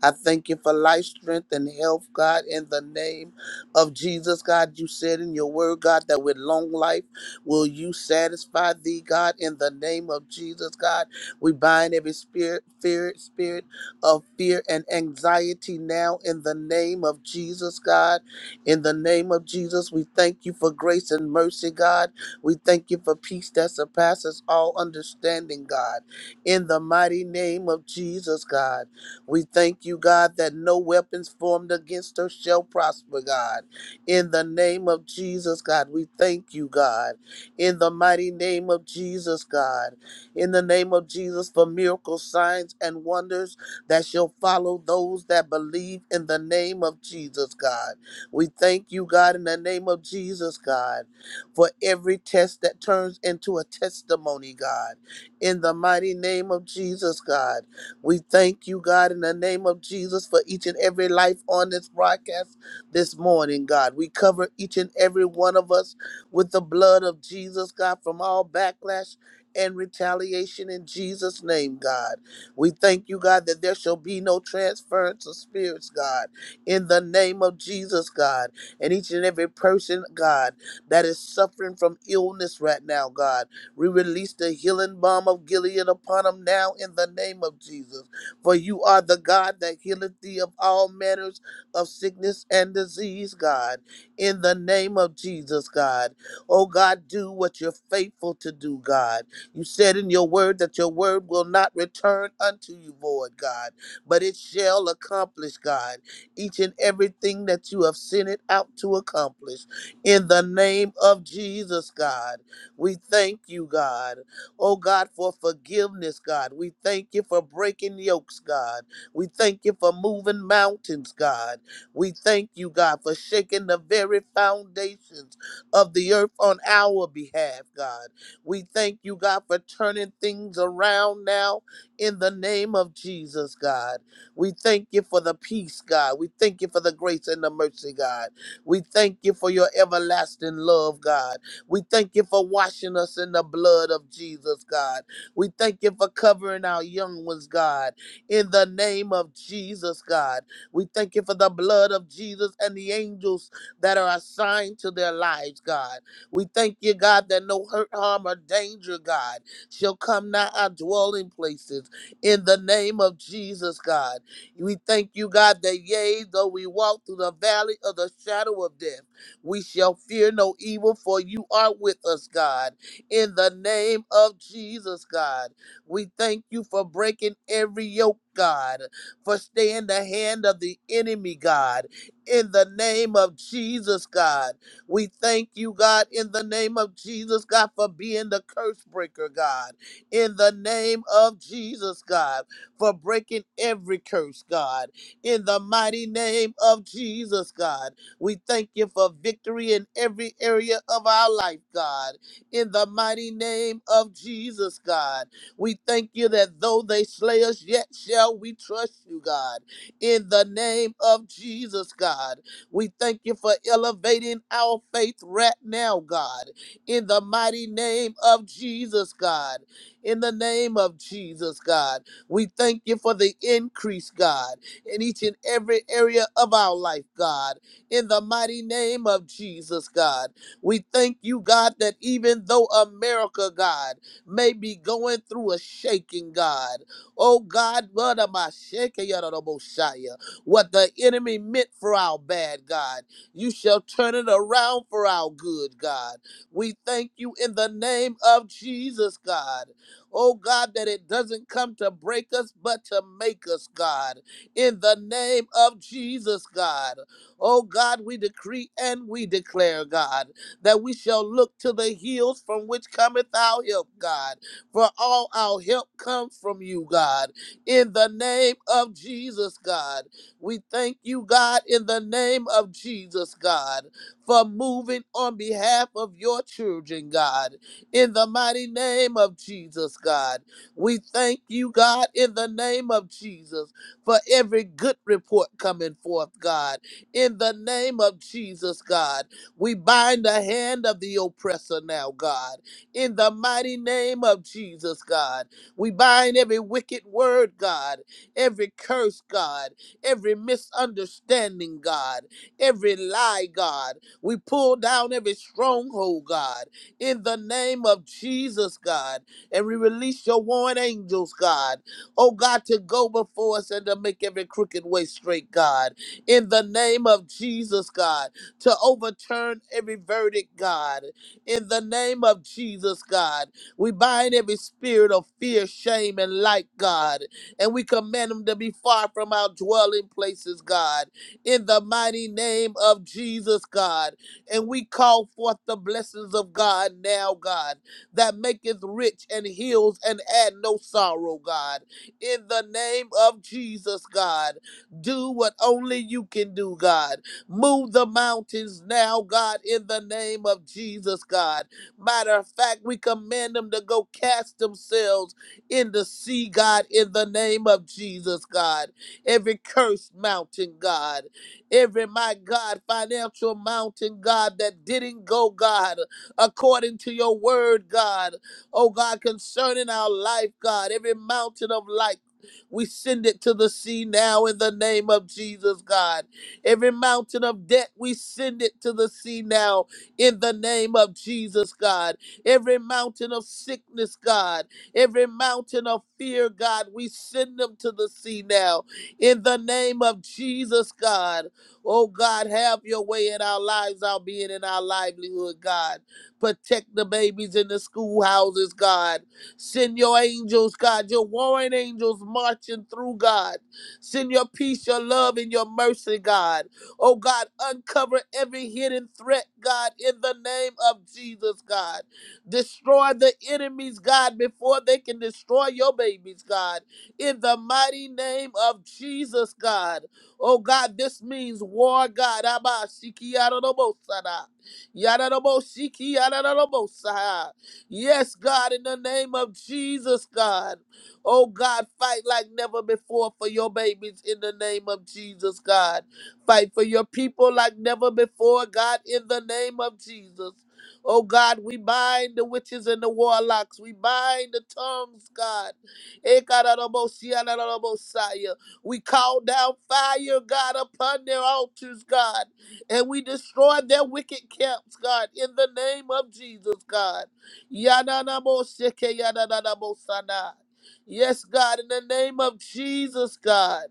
[SPEAKER 5] I thank you for life, strength, and health, God, in the name of Jesus, God. You said in your word, God, that with long life will you satisfy thee, God, in the name of Jesus, God. We bind every spirit, fear, spirit of fear and anxiety now in the name of Jesus, God. In the name of Jesus, we thank you for grace and mercy, God. We thank you for peace that surpasses all understanding, God. In the mighty name of Jesus, God. We thank you, God, that no weapons formed against us shall prosper, God. In the name of Jesus, God, we thank you, God. In the mighty name of Jesus, God. In the name of Jesus, for miracles, signs, and wonders that shall follow those that believe in the name of Jesus, God. We thank you, God, in the name of Jesus, God, for every test that turns into a testimony, God. In the mighty name of Jesus, God. We thank you, God, in the name of Jesus for each and every life on this broadcast this morning, God. We cover each and every one of us with the blood of Jesus, God, from all backlash and retaliation in Jesus' name, God. We thank you, God, that there shall be no transference of spirits, God, in the name of Jesus, God. And each and every person, God, that is suffering from illness right now, God. We release the healing balm of Gilead upon them now in the name of Jesus. For you are the God that healeth thee of all manners of sickness and disease, God. In the name of Jesus, God. Oh, God, do what you're faithful to do, God. You said in your word that your word will not return unto you void, God, but it shall accomplish, God, each and everything that you have sent it out to accomplish. In the name of Jesus, God. We thank you, God. Oh, God, for forgiveness, God. We thank you for breaking yokes, God. We thank you for moving mountains, God. We thank you, God, for shaking the very foundations of the earth on our behalf, God. We thank you, God, for turning things around now in the name of Jesus, God. We thank you for the peace, God. We thank you for the grace and the mercy, God. We thank you for your everlasting love, God. We thank you for washing us in the blood of Jesus, God. We thank you for covering our young ones, God, in the name of Jesus, God. We thank you for the blood of Jesus and the angels that are assigned to their lives, God. We thank you, God, that no hurt, harm, or danger, God, shall come nigh our dwelling places in the name of Jesus, God. We thank you, God, that yea, though we walk through the valley of the shadow of death, we shall fear no evil, for you are with us, God. In the name of Jesus, God, we thank you for breaking every yoke, God, for staying the hand of the enemy, God. In the name of Jesus, God, we thank you, God, in the name of Jesus, God, for being the curse breaker, God. In the name of Jesus, God, for breaking every curse, God. In the mighty name of Jesus, God. We thank you for victory in every area of our life, God. In the mighty name of Jesus, God. We thank you that though they slay us, yet shall we trust you, God. In the name of Jesus, God. We thank you for elevating our faith right now, God. In the mighty name of Jesus, God. In the name of Jesus, God. We thank you for the increase, God, in each and every area of our life, God in the mighty name of Jesus, God. We thank you, God, that even though America, God, may be going through a shaking, God, oh God, what am I shaking? Yadadabosaya. What the enemy meant for our bad, God, you shall turn it around for our good, God. We thank you in the name of Jesus, God. Oh God, that it doesn't come to break us, but to make us, God. In the name of Jesus, God. Oh God, we decree and we declare, God, that we shall look to the hills from which cometh our help, God. For all our help comes from you, God. In the name of Jesus, God. We thank you, God, in the name of Jesus, God, for moving on behalf of your children, God. In the mighty name of Jesus, God. We thank you, God, in the name of Jesus, for every good report coming forth, God in the name of Jesus, God. We bind the hand of the oppressor now, God, in the mighty name of Jesus, God. We bind every wicked word, God, every curse, God, every misunderstanding, God, every lie, God. We pull down every stronghold, God, in the name of Jesus, God. And we release your warring angels, God. Oh, God, to go before us and to make every crooked way straight, God in the name of Jesus, God, to overturn every verdict, God, in the name of Jesus, God. We bind every spirit of fear, shame, and light, God, and we command them to be far from our dwelling places, God, in the mighty name of Jesus, God. And we call forth the blessings of God now, God, that maketh rich and heals and add no sorrow, God, in the name of Jesus, God. Do what only you can do, God. Move the mountains now, God, in the name of Jesus, God. Matter of fact, we command them to go cast themselves in the sea, God, in the name of Jesus, God. Every cursed mountain, God. Every, my God, financial mountain, God, that didn't go, God, according to your word, God. Oh, God, concerning our life, God. Every mountain of life. We send it to the sea now in the name of Jesus, God. Every mountain of debt, we send it to the sea now in the name of Jesus, God. Every mountain of sickness, God. Every mountain of fear, God, we send them to the sea now in the name of Jesus, God. Oh, God, have your way in our lives, our being in our livelihood, God. Protect the babies in the schoolhouses, God. Send your angels, God, your warring angels marching through, God. Send your peace, your love, and your mercy, God. Oh, God, uncover every hidden threat, God, in the name of Jesus, God. Destroy the enemies, God, before they can destroy your babies, God. In the mighty name of Jesus, God. Oh, God, this means war, God. Abba, Shiki, Yadadabo, Sada. Yadadabo, Shiki, Yadadabo, Saha. Yes, God, in the name of Jesus, God. Oh, God, fight like never before for your babies in the name of Jesus, God. Fight for your people like never before, God, in the name of Jesus. Oh God, we bind the witches and the warlocks. We bind the tongues, God. Ekarabosianarabosaya. We call down fire, God, upon their altars, God. And we destroy their wicked camps, God, in the name of Jesus, God. Yadanabo sheke yadanabo sana. Yes, God, in the name of Jesus, God,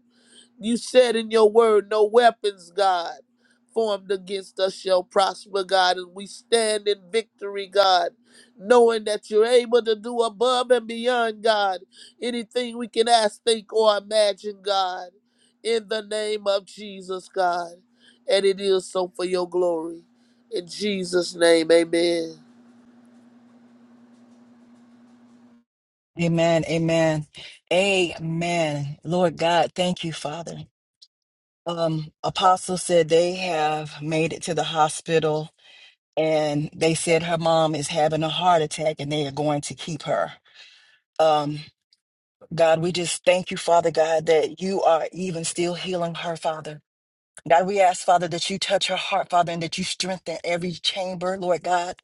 [SPEAKER 5] you said in your word, no weapons, God, formed against us shall prosper, God, and we stand in victory, God, knowing that you're able to do above and beyond, God, anything we can ask, think, or imagine, God, in the name of Jesus, God. And it is so for your glory. In Jesus' name, amen.
[SPEAKER 1] Amen. Amen. Amen. Lord God, thank you, Father. Um, Apostle said they have made it to the hospital and they said her mom is having a heart attack and they are going to keep her. Um, God, we just thank you, Father God, that you are even still healing her, Father. God, we ask, Father, that you touch her heart, Father, and that you strengthen every chamber, Lord God,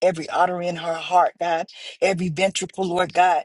[SPEAKER 1] every artery in her heart, God, every ventricle, Lord God.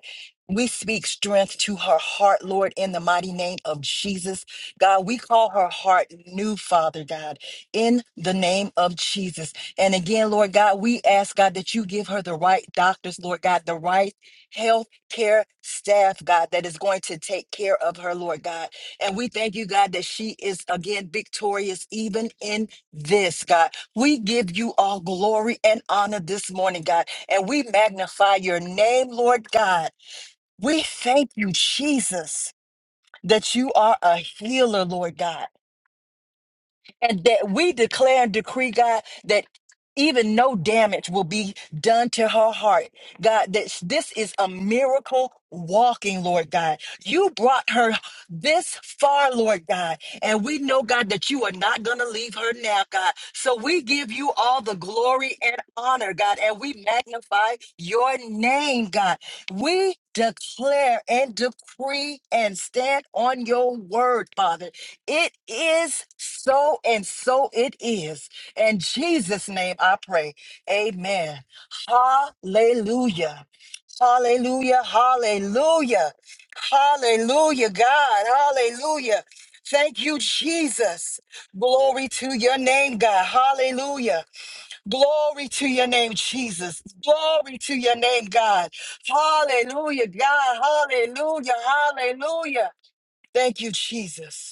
[SPEAKER 1] We speak strength to her heart, Lord, in the mighty name of Jesus. God, we call her heart new, Father God, in the name of Jesus. And again, Lord God, we ask, God, that you give her the right doctors, Lord God, the right health care staff, God, that is going to take care of her, Lord God. And we thank you, God, that she is again victorious even in this, God. We give you all glory and honor this morning, God. And we magnify your name, Lord God. We thank you, Jesus, that you are a healer, Lord God and that we declare and decree, God, that even no damage will be done to her heart. God, that this is a miracle walking, Lord God. You brought her this far, Lord God. And we know, God, that you are not going to leave her now, God. So we give you all the glory and honor, God, and we magnify your name, God. We declare and decree and stand on your word, Father it is so, and so it is. In Jesus' name I pray. Amen. Hallelujah. Hallelujah. Hallelujah. Hallelujah, God. Hallelujah. Thank you, Jesus. Glory to your name, God. Hallelujah. Glory to your name, Jesus. Glory to your name, God. Hallelujah, God. Hallelujah. Hallelujah. Thank you, Jesus.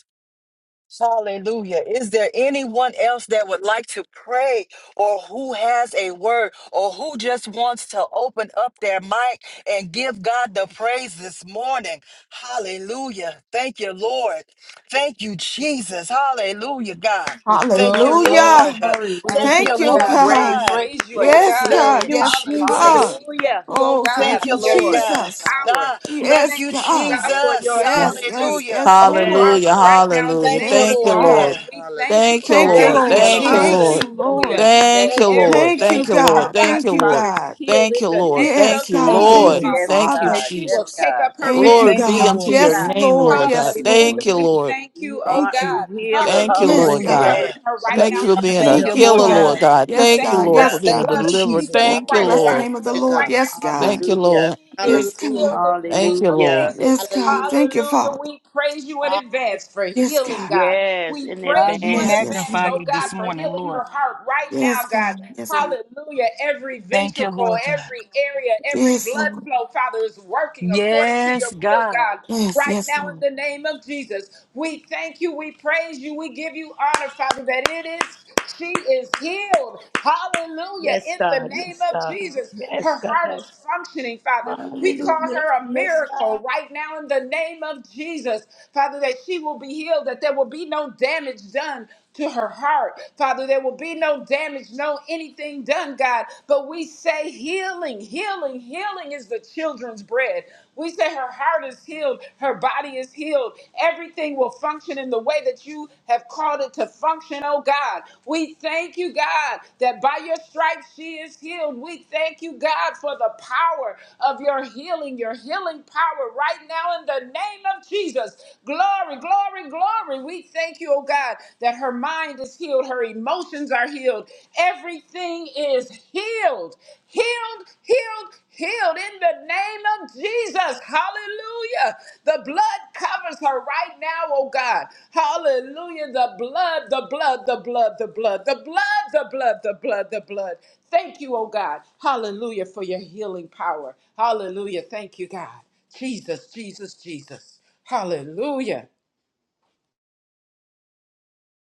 [SPEAKER 1] Hallelujah. Is there anyone else that would like to pray or who has a word or who just wants to open up their mic and give God the praise this morning? Hallelujah. Thank you, Lord. Thank you, Jesus. Hallelujah, God.
[SPEAKER 4] Oh,
[SPEAKER 1] Thank you,
[SPEAKER 4] glory, glory,
[SPEAKER 1] Lord.
[SPEAKER 6] Hallelujah.
[SPEAKER 4] glory. We
[SPEAKER 3] Thank
[SPEAKER 1] Thank
[SPEAKER 3] you
[SPEAKER 4] thank
[SPEAKER 1] you,
[SPEAKER 6] Thank
[SPEAKER 3] for
[SPEAKER 4] you,
[SPEAKER 6] you,
[SPEAKER 3] your
[SPEAKER 4] God.
[SPEAKER 1] Lord
[SPEAKER 4] We
[SPEAKER 3] grace.
[SPEAKER 6] God.
[SPEAKER 1] God.
[SPEAKER 3] Thank
[SPEAKER 4] praise
[SPEAKER 3] you
[SPEAKER 4] you,
[SPEAKER 3] for
[SPEAKER 4] oh
[SPEAKER 3] your
[SPEAKER 6] Yes,
[SPEAKER 4] God.
[SPEAKER 3] healing.
[SPEAKER 1] Thank
[SPEAKER 6] God.
[SPEAKER 1] you,
[SPEAKER 6] Yes,
[SPEAKER 4] Hallelujah.
[SPEAKER 6] God.
[SPEAKER 1] Jesus.
[SPEAKER 4] We thank
[SPEAKER 3] Hallelujah.
[SPEAKER 4] you, oh
[SPEAKER 6] Oh,
[SPEAKER 3] Yes,
[SPEAKER 4] God,
[SPEAKER 6] thank
[SPEAKER 1] Thank you,
[SPEAKER 6] you,
[SPEAKER 4] for your
[SPEAKER 1] Lord
[SPEAKER 3] Lord.
[SPEAKER 4] healing
[SPEAKER 1] God.
[SPEAKER 5] Hallelujah,
[SPEAKER 6] Jesus.
[SPEAKER 5] God.
[SPEAKER 4] power.
[SPEAKER 1] Ah,
[SPEAKER 4] We
[SPEAKER 1] thank
[SPEAKER 6] Yes,
[SPEAKER 4] thank
[SPEAKER 1] you,
[SPEAKER 4] you, oh
[SPEAKER 6] God.
[SPEAKER 4] God, for your
[SPEAKER 1] Jesus.
[SPEAKER 6] Yes,
[SPEAKER 5] Hallelujah.
[SPEAKER 4] anointing
[SPEAKER 6] yes,
[SPEAKER 1] Hallelujah.
[SPEAKER 6] yes,
[SPEAKER 4] over
[SPEAKER 3] Yes,
[SPEAKER 6] Lord.
[SPEAKER 4] Martha
[SPEAKER 7] Hallelujah.
[SPEAKER 4] right
[SPEAKER 3] Lord.
[SPEAKER 4] now in the
[SPEAKER 7] Hallelujah.
[SPEAKER 1] Thank you,
[SPEAKER 4] name
[SPEAKER 6] Yes,
[SPEAKER 4] of
[SPEAKER 7] Thank you,
[SPEAKER 1] Lord God.
[SPEAKER 7] Lord.
[SPEAKER 3] Yes.
[SPEAKER 4] Jesus.
[SPEAKER 6] God.
[SPEAKER 4] We thank you,
[SPEAKER 7] Thank you,
[SPEAKER 4] oh
[SPEAKER 6] Thank you,
[SPEAKER 1] Thank
[SPEAKER 3] Thank
[SPEAKER 7] Lord.
[SPEAKER 4] God.
[SPEAKER 1] you,
[SPEAKER 3] you,
[SPEAKER 6] Lord.
[SPEAKER 7] Thank you,
[SPEAKER 3] Lord.
[SPEAKER 5] Hallelujah.
[SPEAKER 6] Thank
[SPEAKER 1] Jesus.
[SPEAKER 7] Lord.
[SPEAKER 6] you, Lord.
[SPEAKER 4] Hallelujah. That
[SPEAKER 7] Thank you,
[SPEAKER 1] Thank you, Lord
[SPEAKER 7] Lord.
[SPEAKER 6] Thank
[SPEAKER 4] every
[SPEAKER 1] God.
[SPEAKER 6] you,
[SPEAKER 7] Thank you,
[SPEAKER 4] inch of
[SPEAKER 7] Lord.
[SPEAKER 4] her
[SPEAKER 6] God.
[SPEAKER 7] Thank
[SPEAKER 4] body,
[SPEAKER 6] Thank
[SPEAKER 7] you,
[SPEAKER 6] you,
[SPEAKER 7] Lord.
[SPEAKER 4] Father, is
[SPEAKER 6] God.
[SPEAKER 4] healed
[SPEAKER 7] Thank
[SPEAKER 4] in
[SPEAKER 7] you,
[SPEAKER 4] the
[SPEAKER 7] Lord.
[SPEAKER 4] name of
[SPEAKER 6] Yes,
[SPEAKER 7] Thank you,
[SPEAKER 1] Thank
[SPEAKER 6] God.
[SPEAKER 1] you,
[SPEAKER 5] Hallelujah!
[SPEAKER 4] Jesus,
[SPEAKER 6] Thank
[SPEAKER 3] Mm,
[SPEAKER 7] Lord.
[SPEAKER 1] Lord.
[SPEAKER 6] you,
[SPEAKER 4] Father
[SPEAKER 3] Yes,
[SPEAKER 7] Thank you,
[SPEAKER 4] and that
[SPEAKER 6] Father.
[SPEAKER 3] God.
[SPEAKER 4] she will
[SPEAKER 3] Yes,
[SPEAKER 7] Jesus.
[SPEAKER 4] take
[SPEAKER 3] God.
[SPEAKER 4] up her
[SPEAKER 5] thank you.
[SPEAKER 6] Thank
[SPEAKER 4] bed
[SPEAKER 7] Glory
[SPEAKER 6] you,
[SPEAKER 4] and
[SPEAKER 1] Thank you,
[SPEAKER 7] be
[SPEAKER 6] God.
[SPEAKER 4] walk,
[SPEAKER 7] unto
[SPEAKER 1] Lord
[SPEAKER 4] oh
[SPEAKER 7] your
[SPEAKER 6] Yes,
[SPEAKER 1] God.
[SPEAKER 5] Miracle.
[SPEAKER 4] God.
[SPEAKER 7] name,
[SPEAKER 5] God.
[SPEAKER 6] Lord.
[SPEAKER 7] Lord God.
[SPEAKER 5] Thank
[SPEAKER 6] Yes,
[SPEAKER 5] you.
[SPEAKER 4] Hallelujah.
[SPEAKER 7] Thank
[SPEAKER 6] Lord.
[SPEAKER 7] you,
[SPEAKER 4] We
[SPEAKER 5] Great.
[SPEAKER 7] Lord.
[SPEAKER 4] thank
[SPEAKER 3] You
[SPEAKER 4] you, oh
[SPEAKER 3] are
[SPEAKER 6] Thank you.
[SPEAKER 3] a
[SPEAKER 4] God.
[SPEAKER 5] Get
[SPEAKER 3] healer,
[SPEAKER 7] Thank you,
[SPEAKER 4] Hallelujah,
[SPEAKER 6] Yes,
[SPEAKER 3] Lord.
[SPEAKER 4] that
[SPEAKER 7] Lord
[SPEAKER 4] you're
[SPEAKER 5] the
[SPEAKER 1] Hallelujah,
[SPEAKER 7] God.
[SPEAKER 6] God.
[SPEAKER 5] regular.
[SPEAKER 3] Yes,
[SPEAKER 4] covering
[SPEAKER 1] God.
[SPEAKER 4] her
[SPEAKER 5] God.
[SPEAKER 3] she
[SPEAKER 4] right
[SPEAKER 1] No-
[SPEAKER 7] Thank
[SPEAKER 4] now
[SPEAKER 7] you
[SPEAKER 3] is
[SPEAKER 4] in
[SPEAKER 7] for
[SPEAKER 5] I
[SPEAKER 4] the
[SPEAKER 7] being
[SPEAKER 5] see
[SPEAKER 1] Thank
[SPEAKER 4] name
[SPEAKER 7] a
[SPEAKER 1] you,
[SPEAKER 6] Thank
[SPEAKER 4] of
[SPEAKER 5] how
[SPEAKER 3] healed
[SPEAKER 5] it
[SPEAKER 6] you,
[SPEAKER 1] Lord
[SPEAKER 7] healer,
[SPEAKER 3] in
[SPEAKER 7] Lord
[SPEAKER 3] the
[SPEAKER 1] God.
[SPEAKER 4] Jesus.
[SPEAKER 6] God.
[SPEAKER 3] name
[SPEAKER 7] God.
[SPEAKER 4] We
[SPEAKER 3] of
[SPEAKER 6] Yes,
[SPEAKER 7] Thank
[SPEAKER 5] works.
[SPEAKER 4] thank
[SPEAKER 7] you,
[SPEAKER 4] you
[SPEAKER 6] God.
[SPEAKER 7] Lord,
[SPEAKER 4] by
[SPEAKER 7] for
[SPEAKER 6] Yes,
[SPEAKER 3] Jesus.
[SPEAKER 4] the
[SPEAKER 7] being a
[SPEAKER 1] Thank
[SPEAKER 6] God.
[SPEAKER 1] you,
[SPEAKER 4] blood of
[SPEAKER 7] deliverer.
[SPEAKER 4] Jesus
[SPEAKER 1] Jesus.
[SPEAKER 7] Thank
[SPEAKER 6] Oh,
[SPEAKER 7] you,
[SPEAKER 4] Christ,
[SPEAKER 6] bless the
[SPEAKER 4] by
[SPEAKER 3] Yes,
[SPEAKER 7] Lord.
[SPEAKER 6] name of
[SPEAKER 4] your
[SPEAKER 6] the
[SPEAKER 5] Hallelujah,
[SPEAKER 3] Lord.
[SPEAKER 6] Lord.
[SPEAKER 5] God.
[SPEAKER 4] stripes,
[SPEAKER 6] Yes,
[SPEAKER 4] Jesus.
[SPEAKER 6] God.
[SPEAKER 7] Thank you,
[SPEAKER 3] Hallelujah.
[SPEAKER 7] Lord.
[SPEAKER 4] She
[SPEAKER 6] Yes,
[SPEAKER 4] is healed
[SPEAKER 6] God.
[SPEAKER 5] Hallelujah.
[SPEAKER 4] in the name
[SPEAKER 7] Thank you,
[SPEAKER 4] of
[SPEAKER 7] Lord.
[SPEAKER 3] Hallelujah.
[SPEAKER 4] Jesus.
[SPEAKER 6] Yes, God.
[SPEAKER 5] Hallelujah.
[SPEAKER 6] Thank you,
[SPEAKER 4] Hallelujah.
[SPEAKER 6] Father.
[SPEAKER 4] We praise you in advance for
[SPEAKER 6] Yes,
[SPEAKER 4] healing,
[SPEAKER 6] God.
[SPEAKER 4] God.
[SPEAKER 3] Yes,
[SPEAKER 4] We
[SPEAKER 3] in
[SPEAKER 4] praise
[SPEAKER 1] God, we
[SPEAKER 4] you in
[SPEAKER 6] Yes,
[SPEAKER 3] advance.
[SPEAKER 6] yes,
[SPEAKER 4] advance,
[SPEAKER 1] magnify
[SPEAKER 6] Lord.
[SPEAKER 4] oh
[SPEAKER 1] you
[SPEAKER 4] God,
[SPEAKER 1] this
[SPEAKER 4] for
[SPEAKER 1] morning,
[SPEAKER 4] healing
[SPEAKER 1] Lord.
[SPEAKER 4] her heart right now,
[SPEAKER 6] Yes,
[SPEAKER 4] God.
[SPEAKER 6] God. Yes,
[SPEAKER 5] Hallelujah.
[SPEAKER 6] God.
[SPEAKER 4] Hallelujah. Every
[SPEAKER 1] Thank
[SPEAKER 4] ventricle
[SPEAKER 1] you,
[SPEAKER 4] miracle.
[SPEAKER 1] Lord God.
[SPEAKER 4] Every area, every
[SPEAKER 6] Yes,
[SPEAKER 4] blood
[SPEAKER 6] Lord.
[SPEAKER 4] flow, Father, is working according to your
[SPEAKER 1] Yes,
[SPEAKER 4] will,
[SPEAKER 1] God.
[SPEAKER 4] God.
[SPEAKER 6] Yes,
[SPEAKER 4] Right
[SPEAKER 6] yes,
[SPEAKER 4] now, in
[SPEAKER 6] Lord.
[SPEAKER 4] the name of Jesus, we thank you, we praise you, we give you honor, Father, that it is, she is healed. Hallelujah.
[SPEAKER 3] Yes,
[SPEAKER 4] In the
[SPEAKER 3] God.
[SPEAKER 4] name
[SPEAKER 3] Yes,
[SPEAKER 4] of
[SPEAKER 3] God.
[SPEAKER 4] Jesus, her
[SPEAKER 3] Yes,
[SPEAKER 4] heart
[SPEAKER 3] God.
[SPEAKER 4] is functioning, Father. We call
[SPEAKER 3] Hallelujah.
[SPEAKER 4] her a miracle right now in the name of Jesus, Father, that she will be healed, that there will be no damage done to her heart. Father, there will be no damage, no anything done, God. But we say healing, healing, healing is the children's bread. We say her heart is healed, her body is healed. Everything will function in the way that you have called it to function, oh God. We thank you, God, that by your stripes she is healed. We thank you, God, for the power of your healing, your healing power right now in the name of Jesus. Glory, glory, glory. We thank you, oh God, that her mind is healed, her emotions are healed. Everything is healed, healed, healed, healed in the name of Jesus. Hallelujah. The blood covers her right now, oh God. Hallelujah. The blood, the blood, the blood, the blood, the blood, the blood, the blood, the blood. Thank you, oh God. Hallelujah for your healing power. Hallelujah. Thank you, God. Jesus, Jesus, Jesus. Hallelujah.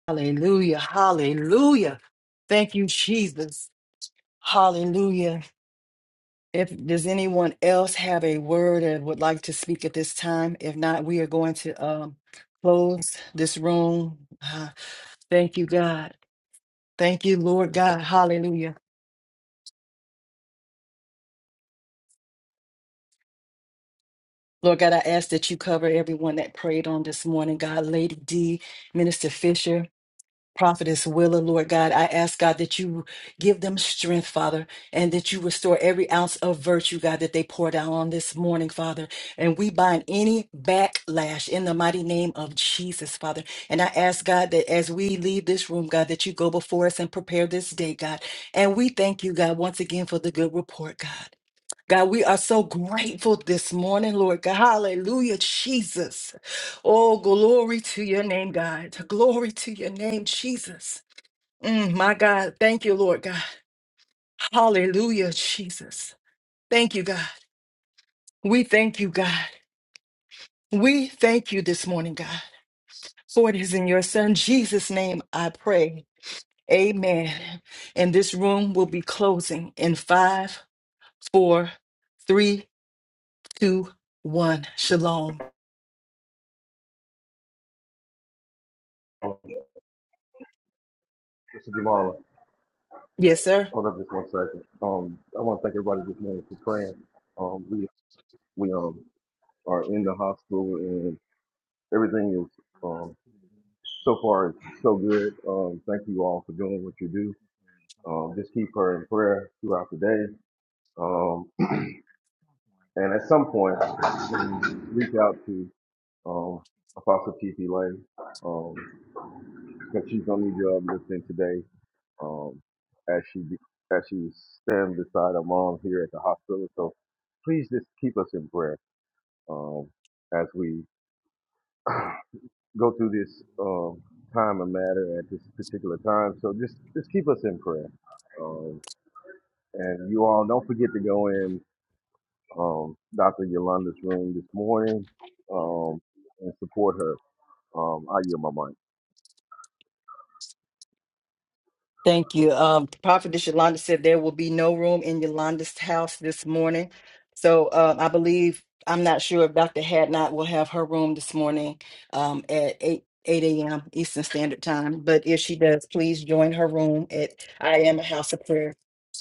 [SPEAKER 1] Hallelujah. Hallelujah. Thank you, Jesus. Hallelujah. If does anyone else have a word and would like to speak at this time? If not, we are going to um, close this room. Ah, thank you, God. Thank you, Lord God. Hallelujah. Lord God, I ask that you cover everyone that prayed on this morning. God, Lady D, Minister Fisher, Prophetess Willa, Lord God, I ask God that you give them strength, Father, and that you restore every ounce of virtue, God, that they poured out on this morning, Father. And we bind any backlash in the mighty name of Jesus, Father. And I ask God that as we leave this room, God, that you go before us and prepare this day, God. And we thank you, God, once again for the good report, God. God, we are so grateful this morning, Lord God. Hallelujah, Jesus. Oh, glory to your name, God. Glory to your name, Jesus. Mm, my God, thank you, Lord God. Hallelujah, Jesus. Thank you, God. We thank you, God. We thank you this morning, God. For it is in your Son, Jesus' name, I pray. Amen. And this room will be closing in five, four, three, two, one. Shalom. Yes, sir. Thank you. Um, Prophetess Yolanda said there will be no room in Yolanda's house this morning. So uh, I believe, I'm not sure if Dr. Hadnot will have her room this morning um, at 8, 8 a.m. Eastern Standard Time. But if she does, please join her room at I Am a House of Prayer.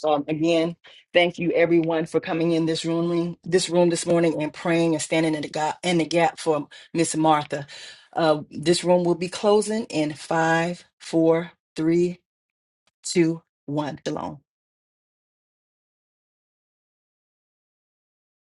[SPEAKER 1] Um, again, thank you everyone for coming in this room, this room this morning and praying and standing in the gap, in the gap for Miss Martha. Uh, this room will be closing in five, four, three, two, one. Shalom.